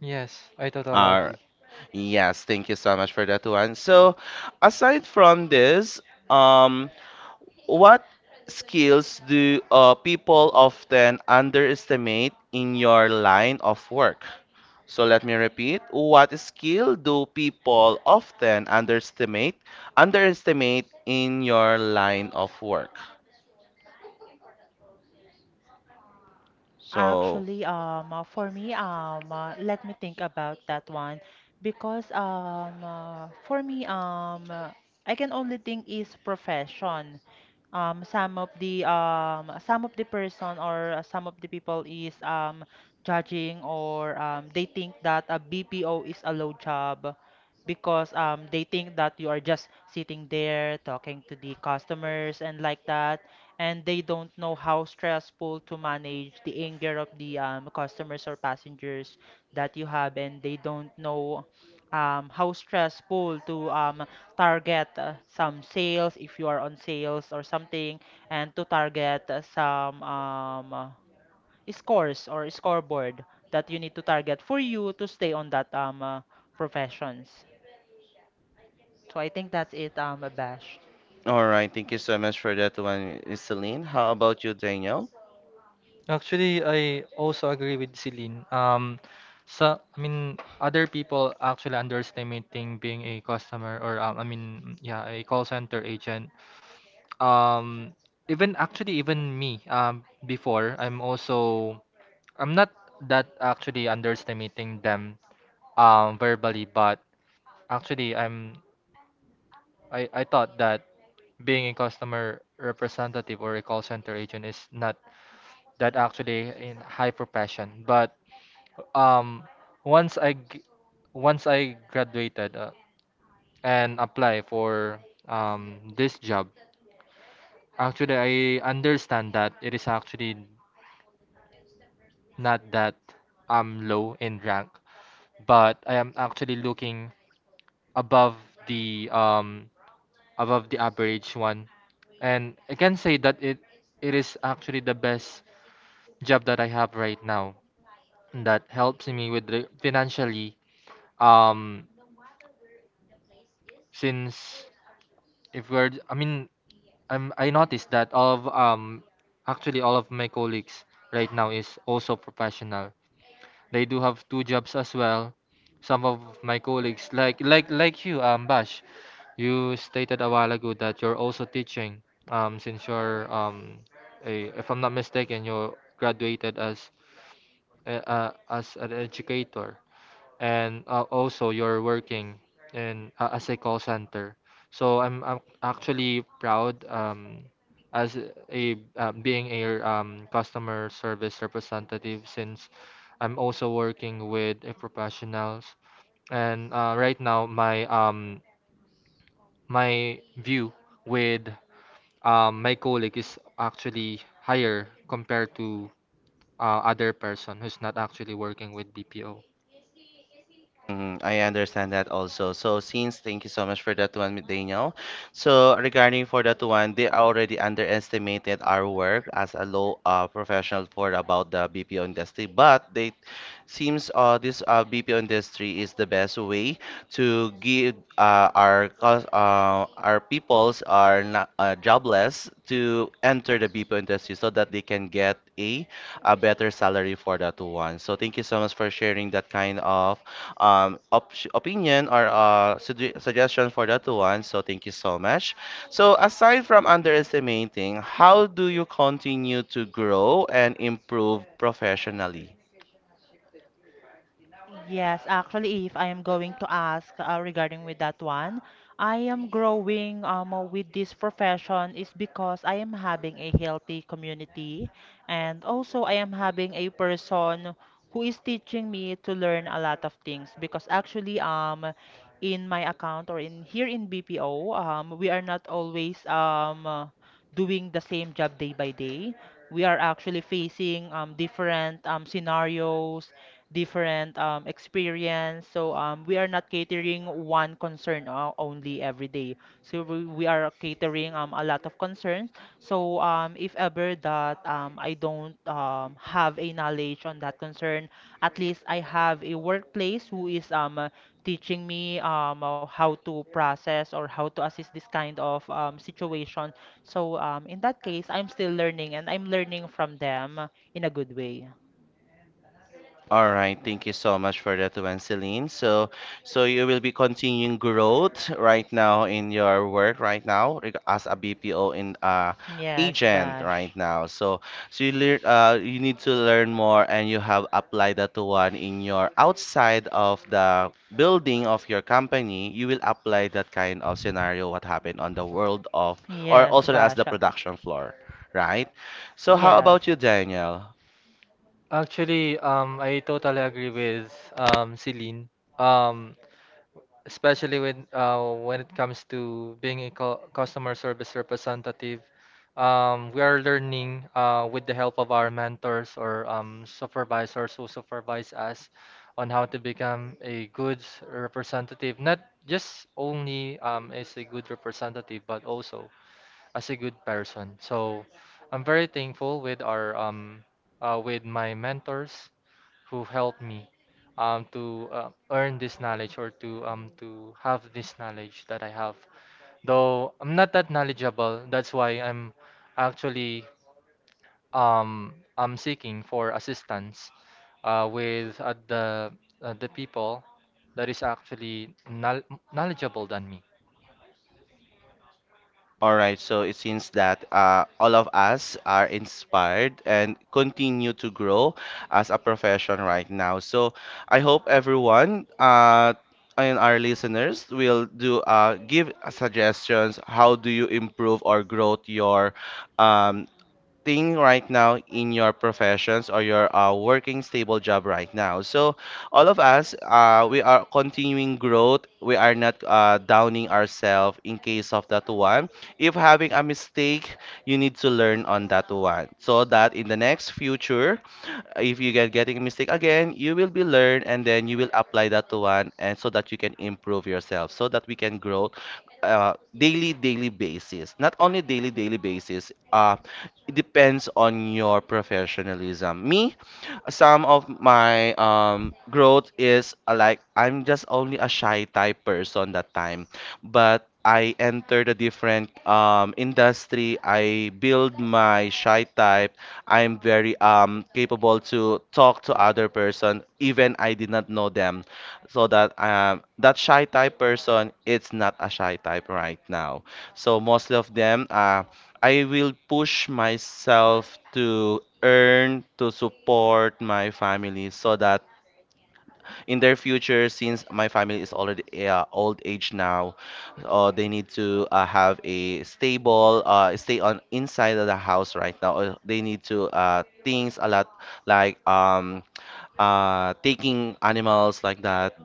Yes, I totally
Uh,
agree.
yes, thank you so much for that one. So, aside from this, um, what skills do people often underestimate in your line of work? So let me repeat, what skill do people often underestimate in your line of work? So
Actually, for me, let me think about that one because for me, I can only think is profession. Some of the person or some of the people is judging, or they think that a BPO is a low job because they think that you are just sitting there talking to the customers and like that, and they don't know how stressful to manage the anger of the customers or passengers that you have, and they don't know how stressful to target some sales if you are on sales or something, and to target some scores or scoreboard that you need to target for you to stay on that professions. So I think that's it, Bash.
all right, thank you so much for that one, Miss Celine. How about you, Daniel?
Actually, I also agree with Celine. So I mean, other people actually underestimating being a customer or I mean, yeah, a call center agent. Um, Even actually, even me. Before I'm not that actually underestimating them. Verbally, but actually, I thought that being a customer representative or a call center agent is not that actually in high profession. But um, once I g- once I graduated and apply for this job, actually I understand that it is actually not that I'm low in rank, but I am actually looking above the um, above the average one. And I can say that it is actually the best job that I have right now that helps me with the financially um since if we're I mean I'm, I noticed that all of actually all of my colleagues right now is also professional. They do have two jobs as well. Some of my colleagues, like you bash, you stated a while ago that you're also teaching since you're if I'm not mistaken, you graduated as an educator and also you're working in as a call center. So I'm actually proud as a being a customer service representative since I'm also working with a professionals and right now my view with my colleague is actually higher compared to other person who's not actually working with BPO.
Mhm, I understand that also. So since thank you so much for that one, Daniel. So regarding for that one, they already underestimated our work as a law professional for about the BPO industry, but they seems this BPO industry is the best way to give our our peoples are not jobless to enter the BPO industry so that they can get a better salary for that one. So thank you so much for sharing that kind of op opinion or suggestion for that one. So thank you so much. So aside from underestimating, how do you continue to grow and improve professionally?
Yes, actually, if I am going to ask regarding with that one, I am growing with this profession is because I am having a healthy community and also I am having a person who is teaching me to learn a lot of things because actually in my account or in here in BPO we are not always doing the same job day by day. We are actually facing different scenarios, different experience. So we are not catering one concern only every day. So we are catering a lot of concerns. So if ever that I don't have a knowledge on that concern, at least I have a workplace who is teaching me how to process or how to assist this kind of situation. So in that case, I'm still learning and I'm learning from them in a good way.
All right, thank you so much for that one, Celine. So you will be continuing growth right now in your work right now as a BPO in
Yes,
agent right
Bash.
now. So, so you learn you need to learn more and you have applied that one in your outside of the building of your company. You will apply that kind of scenario what happened on the world of or
Yes,
also as the
Basha.
production floor, right? So, how
Yes.
about you, Daniel?
Actually, I totally agree with Celine. Um, Especially when it comes to being a customer service representative. We are learning with the help of our mentors or supervisors who supervise us on how to become a good representative, not just only as a good representative, but also as a good person. So I'm very thankful with my mentors who helped me to earn this knowledge or to have this knowledge that I have. Though I'm not that knowledgeable, that's why actually um, I'm seeking for assistance with the people that is actually knowledgeable than me.
All right, so it seems that all of us are inspired and continue to grow as a profession right now. So I hope everyone and our listeners will do give suggestions. How do you improve or grow your um, thing right now in your professions or your working stable job right now. So all of us, we are continuing growth. We are not downing ourselves in case of that one. If having a mistake, you need to learn on that one so that in the next future, if you getting a mistake again, you will be learn and then you will apply that to one and so that you can improve yourself so that we can grow daily daily basis. Not only daily daily basis, it depends on your professionalism. Me, some of my growth is like I'm just only a shy type person that time, but I entered a different industry. I build my shy type. I'm very capable to talk to other person even I did not know them. So that that shy type person, it's not a shy type right now. So mostly of them I will push myself to earn to support my family so that in their future, since my family is already old age now, they need to have a stable stay on inside of the house right now, or they need to things a lot like taking animals like that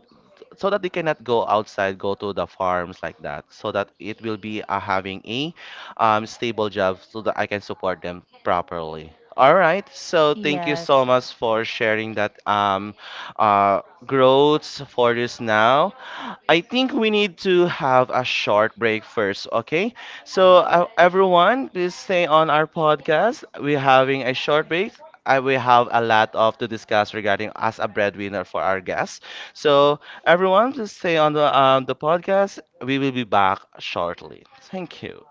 so that they cannot go outside, go to the farms like that, so that it will be having a stable job so that I can support them properly. All right, so thank you
Yes.
so much for sharing that growths for this now. I think we need to have a short break first, okay? So, everyone, please stay on our podcast. We're having a short break. I will have a lot of to discuss regarding as a breadwinner for our guests. So, everyone, please stay on the podcast. We will be back shortly. Thank you.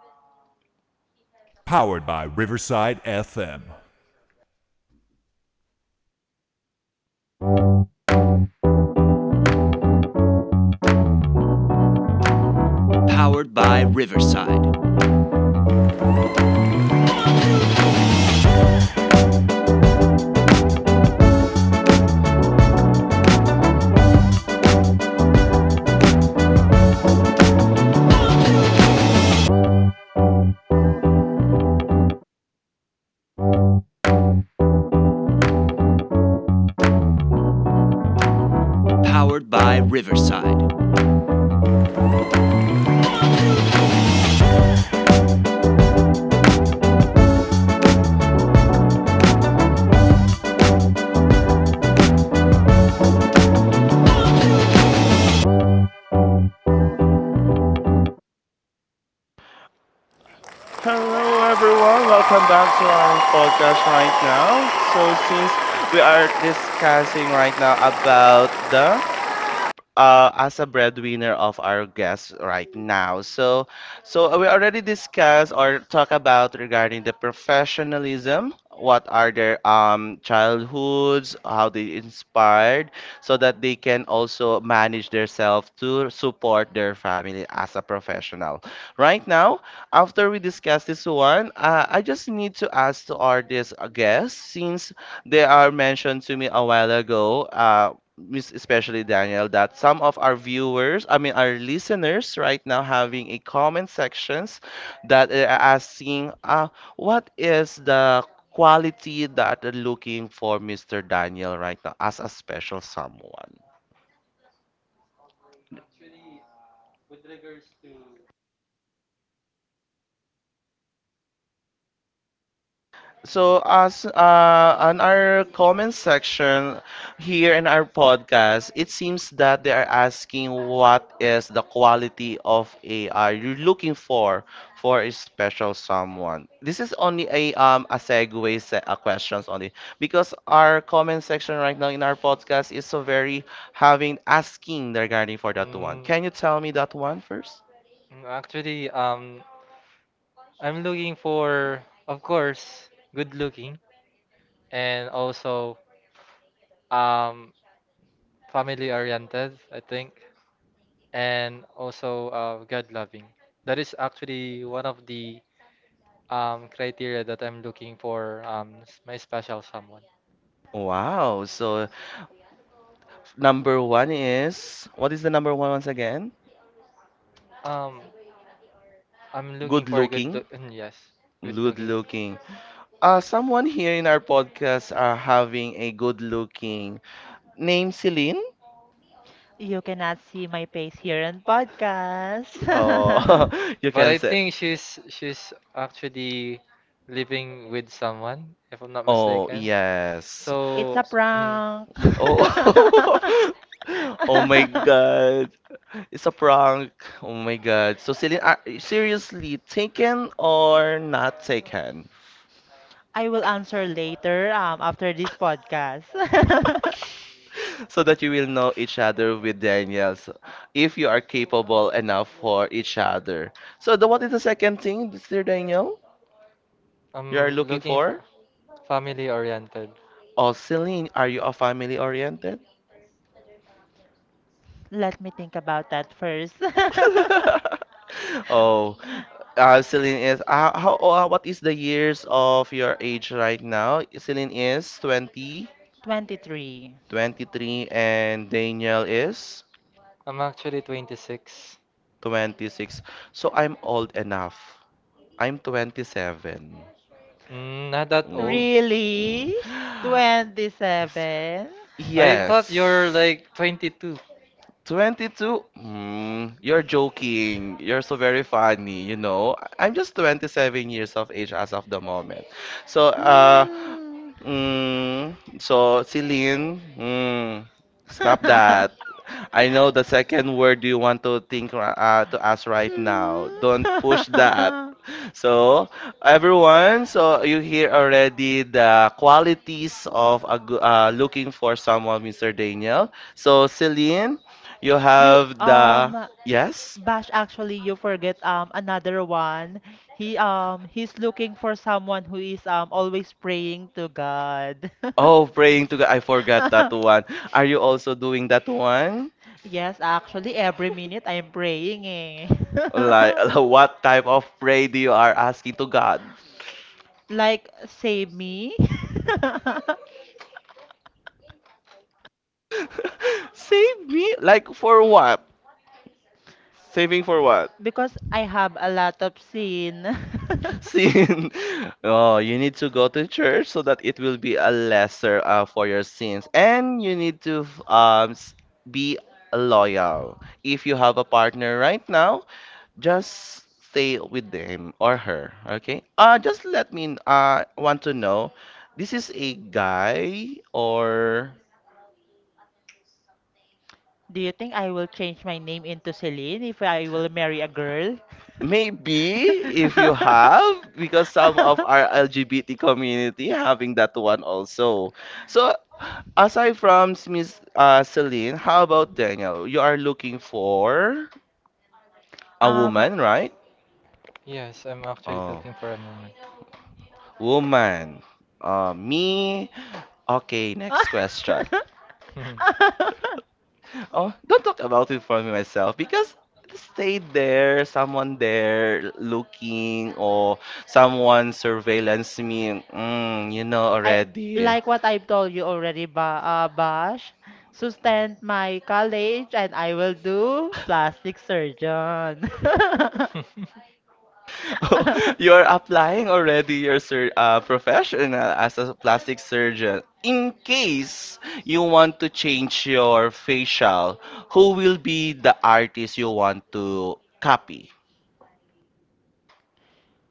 Hello, everyone. Welcome back to our podcast right now. So, since we are discussing right now about the as a breadwinner of our guests right now. So, so we already discussed or talk about regarding the professionalism. What are their childhoods? How they inspired, so that they can also manage themselves to support their family as a professional. Right now, after we discuss this one, I just need to ask to our this guests since they are mentioned to me a while ago. Miss, especially Daniel, that some of our viewers, I mean our listeners, right now having a comment sections that are asking, what is the quality that are looking for Mr. Daniel right now as a special someone? So as on our comment section here in our podcast, it seems that they are asking what is the quality of AI you're looking for a special someone. This is only a questions only because our comment section right now in our podcast is so very having asking regarding for that one. Can you tell me that one first?
Actually, I'm looking for, of course, good looking and also um family oriented, I think, and also God loving. That is actually one of the criteria that I'm looking for my special someone.
Wow. So number one is, what is the number one once again?
Um, I'm looking
Good
for a good
looking.
look. Yes, good
Good
looking.
looking. Uh, someone here in our podcast are having a good looking name, Celine.
You cannot see my face here in podcast.
Mhm.
Oh, you
But
can
I
say.
think she's actually living with someone, if I'm not
Oh,
mistaken.
yes.
So,
It's a
mhm,
prank.
Oh, oh my god, it's a prank. Oh my god. So, Celine, are you seriously taken or not taken?
I will answer later after this podcast.
So that you will know each other with Daniel, so if you are capable enough for each other. So, what is the second thing, Mr. Daniel, you are
I'm
looking
looking
for?
for family oriented.
Oh, Celine, are you a family oriented?
Let me think about that first.
Oh, Celine is how what is the years of your age right now? Celine is 20,
23.
23, and Daniel is
I'm actually 26.
26. So I'm old enough. I'm 27.
Not that old.
Mm,
Really?
mm.
27?
I thought
Yes.
you're like 22.
22? Mm, you're joking. You're so very funny, you know. I'm just 27 years of age as of the moment. So, so, Celine, mm, stop
Hmm.
that. I know the second word you want to think, to ask right now. Don't push that.
Hmm.
So, everyone, so you hear already the qualities of a, looking for someone, Mr. Daniel. So, Celine, you
you
have the
um
yes.
Bash, actually you forget another one. He's looking for someone who is always praying to God.
Oh, praying to God. I forgot that one. Are you also doing that one?
Yes, actually every minute I'm praying, eh.
Like, what type of pray do you are asking to God?
Like save me
Save me? Like for what? Saving for what?
because I have a lot of sin.
Sin. Oh, you need to go to church so that it will be a lesser for your sins. And you need to be loyal. If you have a partner right now, just stay with him or her, okay? Uh, just let me want to know, this is a guy or
Do you think I will change my name into Celine if I will marry a girl?
maybe, if you have, because some of our LGBT community having that one also. So aside from Miss Celine, how about Daniel? You are looking for a
Um,
woman, right?
Yes, I'm actually
Oh,
looking for a moment.
woman. Me. Okay, next question. Oh, don't talk about it for me myself because stay there, someone there looking or someone surveillance me. Mm, you know
I
already.
like what I've told you already, ba Bash. Sustain my college, and I will do plastic surgeon.
You're applying already your sur professional as a plastic surgeon. In case you want to change your facial, who will be the artist you want to copy?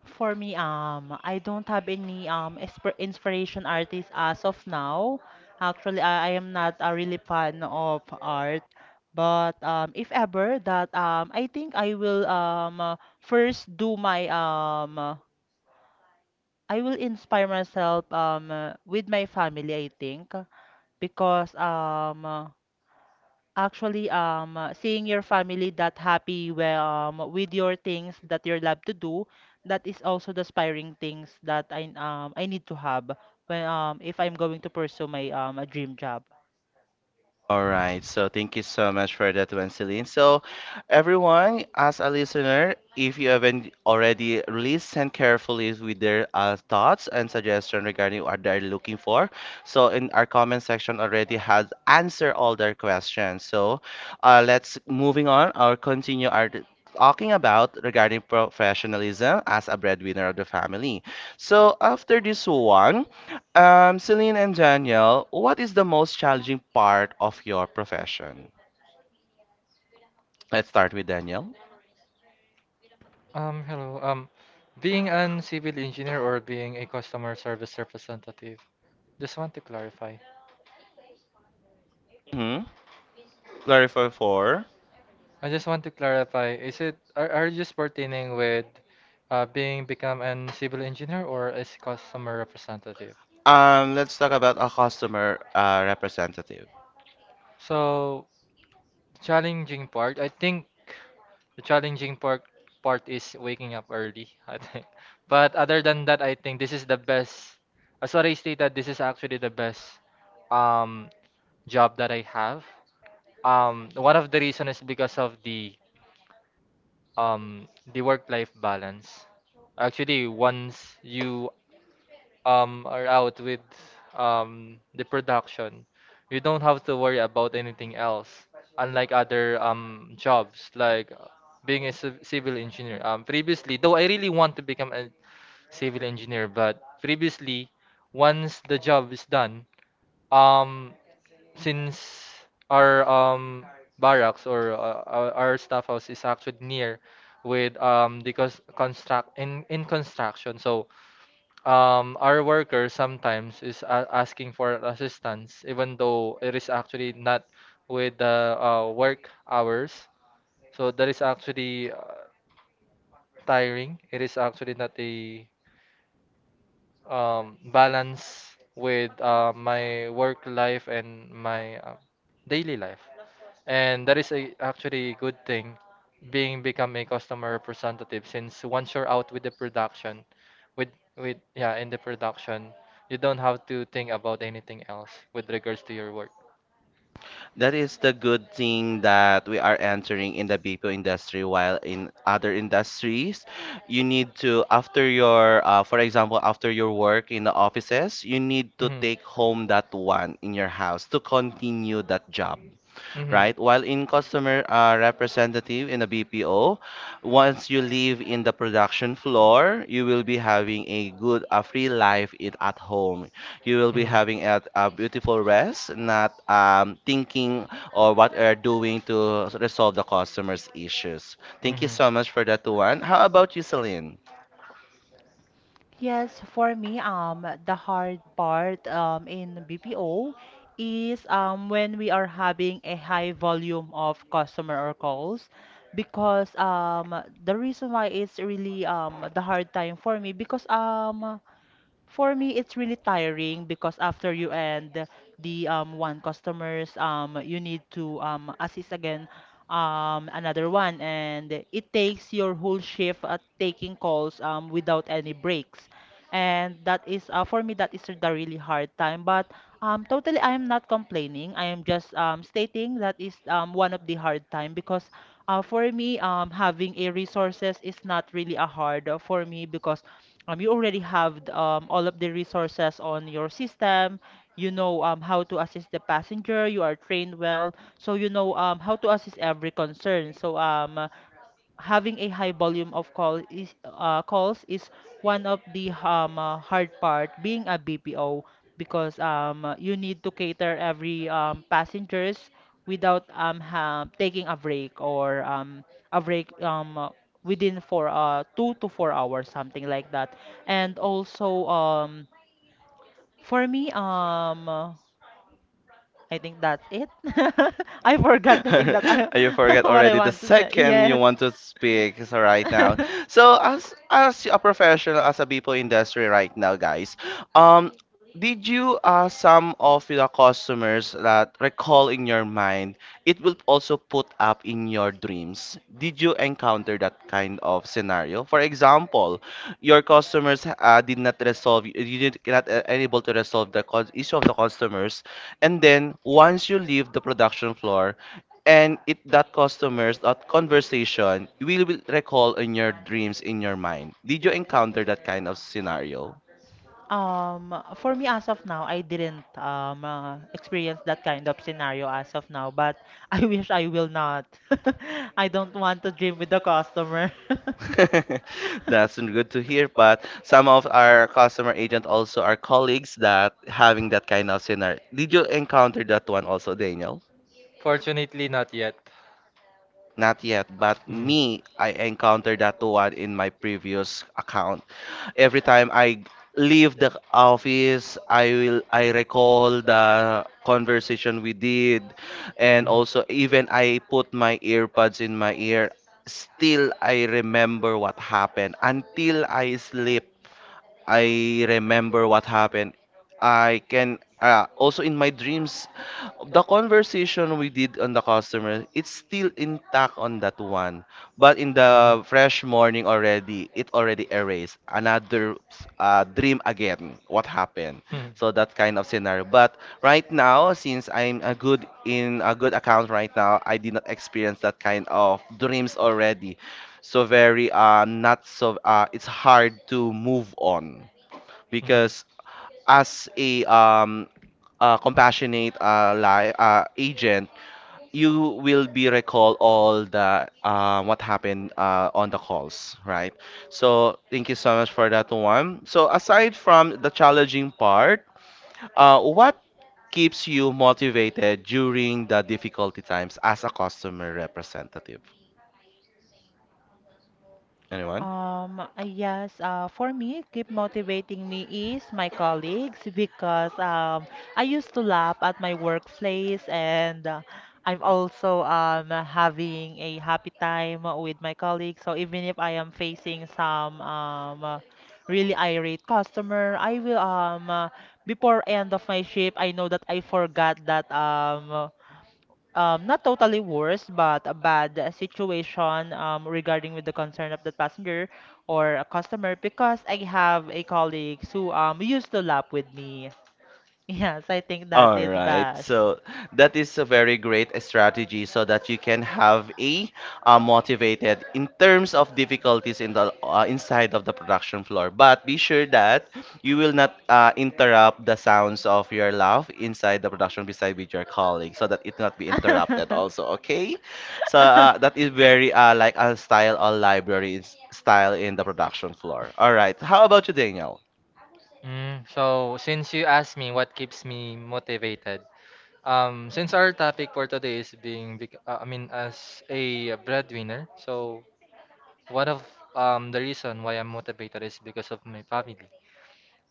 For me, I don't have any inspiration artist as of now. Actually, I am not a really fan of art, but if ever that I think I will first do my I will inspire myself with my family, I think, because seeing your family that happy where, with your things that you love to do, that is also the inspiring things that I need to have when if I'm going to pursue my a dream job.
All right, so thank you so much for that one, Celine. So, everyone, as a listener, if you haven't already listened carefully with their thoughts and suggestion regarding what they're looking for, so in our comment section already has answered all their questions. So, let's moving on or continue our talking about regarding professionalism as a breadwinner of the family. So, after this one. Celine and Danielle, what is the most challenging part of your profession? Let's start with Danielle.
Hello. Being an civil engineer or being a customer service representative. Just want to clarify.
Mm-hmm. Clarify for.
I just want to clarify. Are you just pertaining with being become an civil engineer or as customer representative?
Let's talk about a customer representative.
So the challenging part, I think the challenging part is waking up early, I think. But other than that, I think this is the best. As what I stated, this is actually the best um job that I have. One of the reason is because of um the work-life balance. Actually, once you are out with the production, you don't have to worry about anything else. Unlike other jobs like being a civil engineer. Previously, though I really want to become a civil engineer, but previously, once the job is done, um since our barracks or our staff house is actually near with the cons- construct in construction. So our worker sometimes is a asking for assistance, even though it is actually not with the work hours. So that is actually tiring. It is actually not a balance with my work life and my daily life. And that is actually a good thing, being become a customer representative, since once you're out with the production, with with yeah, in the production, you don't have to think about anything else with regards to your work.
That is the good thing that we are entering in the BPO industry, while in other industries, you need to, after your, for example, after your work in the offices, you need to
Mhm. Mhm.
take home that one in your house to continue that job, right? While in customer representative in a BPO, once you leave in the production floor, you will be having a good, a free life it at home. You will be having a beautiful rest, not thinking or what are doing to resolve the customer's issues. Thank you
Mhm.
so much for that, Tuan. How about you, Celine?
Mhm.
Yes, for me, the hard part in BPO is when we are having a high volume of customer or calls because the reason why it's really the hard time for me because for me, it's really tiring because after you end the one customers, you need to assist again another one, and it takes your whole shift taking calls without any breaks. And that is for me that is the really hard time, but totally I am not complaining. I am just stating that is one of the hard time because for me having a resources is not really a hard for me because you already have the, all of the resources on your system. You know how to assist the passenger. You are trained well, so you know how to assist every concern. So having a high volume of call is calls is one of the hard part being a BPO because you need to cater every passengers without ha taking a break, or a break within for 2 to 4 hours, something like that. And also for me I think that's it. I forgot the thing that I
You forget
what I
already the
want to say.
second you
Yes.
want to speak so right now. So as a professional as a people industry right now, guys, um, did you some of the customers that recall in your mind, it will also put up in your dreams. Did you encounter that kind of scenario? For example, your customers did not resolve, you did not able to resolve the cause issue of the customers, and then once you leave the production floor and it that customers that conversation will recall in your dreams in your mind, did you encounter that kind of scenario?
Um, for me, as of now, I didn't experience that kind of scenario as of now, but I wish I will not. I don't want to dream with the customer.
That's good to hear, but some of our customer agent also are colleagues that having that kind of scenario, did you encounter that one also, Daniel?
Fortunately, not yet.
Not yet, but
Mm.
me, I encountered that one in my previous account. Every time I leave the office, I recall the conversation we did, and
Mm.
also even I put my earbuds in my ear. Still, I remember what happened until I sleep. I remember what happened. I can also in my dreams the conversation we did on the customer, it's still intact on that one. But in
Mm.
the fresh morning already, it already erased another dream again. What happened?
Hmm.
So that kind of scenario. But right now, since I'm a good in a good account right now, I did not experience that kind of dreams already. So very not so it's hard to move on
Mhm.
because as a compassionate agent, you will be recall all the what happened on the calls, right? So thank you so much for that one. So aside from the challenging part, what keeps you motivated during the difficulty times as a customer representative? Anyone?
Yes, for me, keep motivating me is my colleagues because I used to laugh at my workplace and I'm also having a happy time with my colleagues. So even if I am facing some really irate customer, I will before end of my shift, I know that I forgot that not totally worse, but a bad situation regarding with the concern of the passenger or a customer because I have a colleague who used to lap with me. Yes, I think that
All
is
right,
Bash.
so that is a very great strategy so that you can have a motivated in terms of difficulties in the inside of the production floor. But be sure that you will not interrupt the sounds of your laugh inside the production beside with your colleague so that it not be interrupted also. Okay, so that is very like a style or library style in the production floor. All right, how about you, Daniel?
So since you asked me what keeps me motivated, since our topic for today is I mean, as a breadwinner, so one of the reason why I'm motivated is because of my family.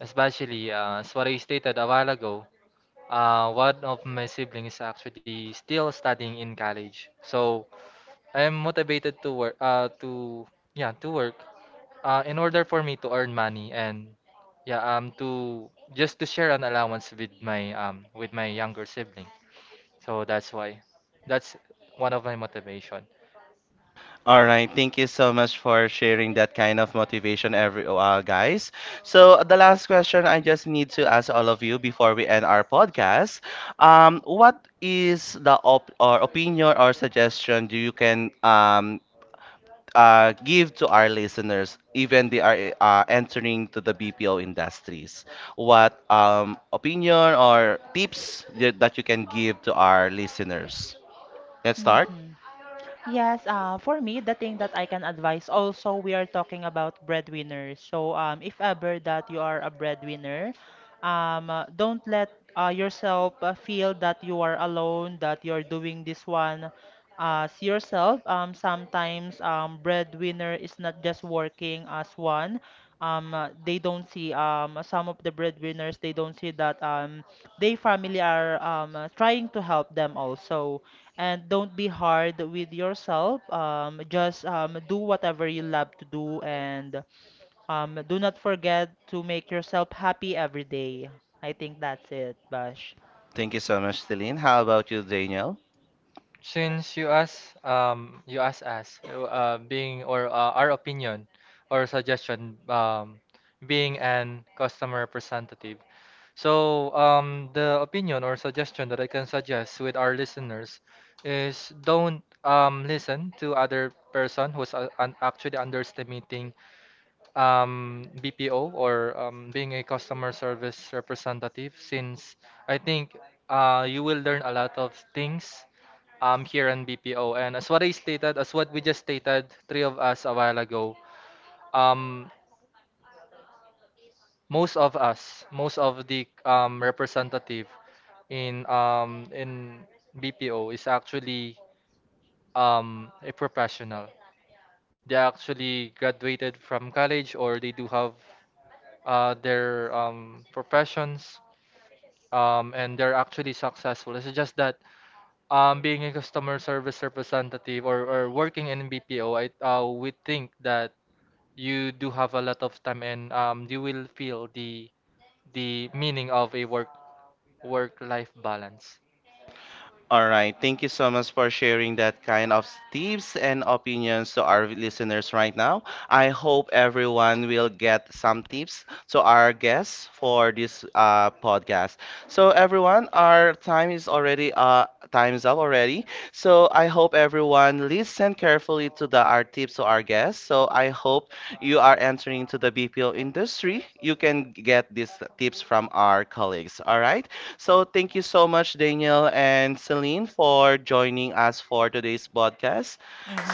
Especially, as what I stated a while ago, one of my siblings is actually still studying in college. So I'm motivated to work, to yeah, to work, in order for me to earn money and yeah, to just to share an allowance with my younger sibling. So that's why, that's one of my motivation.
All right, thank you so much for sharing that kind of motivation, every guys. So the last question I just need to ask all of you before we end our podcast, what is the op or opinion or suggestion do you can give to our listeners, even they are entering to the BPO industries? What opinion or tips that you can give to our listeners? Let's start.
hmm. Yes, for me, the thing that I can advise also, we are talking about breadwinners. So, if ever that you are a breadwinner, don't let yourself feel that you are alone, that you're doing this one as yourself. Sometimes breadwinner is not just working as one. They don't see some of the breadwinners, they don't see that their family are trying to help them also, and don't be hard with yourself. Just do whatever you love to do, and do not forget to make yourself happy every day. I think that's it, Bash.
Thank you so much, Celine. How about you, Daniel?
Since you ask us, being or our opinion or suggestion, being an customer representative. So, the opinion or suggestion that I can suggest with our listeners is don't listen to other person who's actually underestimating BPO or being a customer service representative since I think you will learn a lot of things here in BPO. And as what I stated, as what we just stated, three of us a while ago, um, most of us, most of the representative in BPO is actually a professional. They actually graduated from college or they do have their professions and they're actually successful. It's just that being a customer service representative or working in BPO, we think that you do have a lot of time and you will feel the meaning of a work life balance.
All right. Thank you so much for sharing that kind of tips and opinions to our listeners right now. I hope everyone will get some tips to our guests for this podcast. So everyone, our time is already time is up already. So I hope everyone listen carefully to the our tips to our guests. So I hope you are entering to the BPO industry. You can get these tips from our colleagues. All right. So thank you so much, Daniel and Celine, for joining us for today's podcast.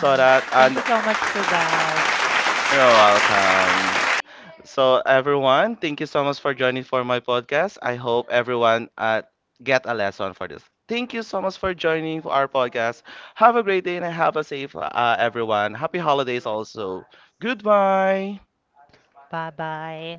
So that
Thank
and
you so much to Bash.
you're welcome. So everyone, thank you so much for joining for my podcast. I hope everyone get a lesson for this. Thank you so much for joining our podcast. Have a great day and have a safe everyone. Happy holidays also. Goodbye.
Bye bye.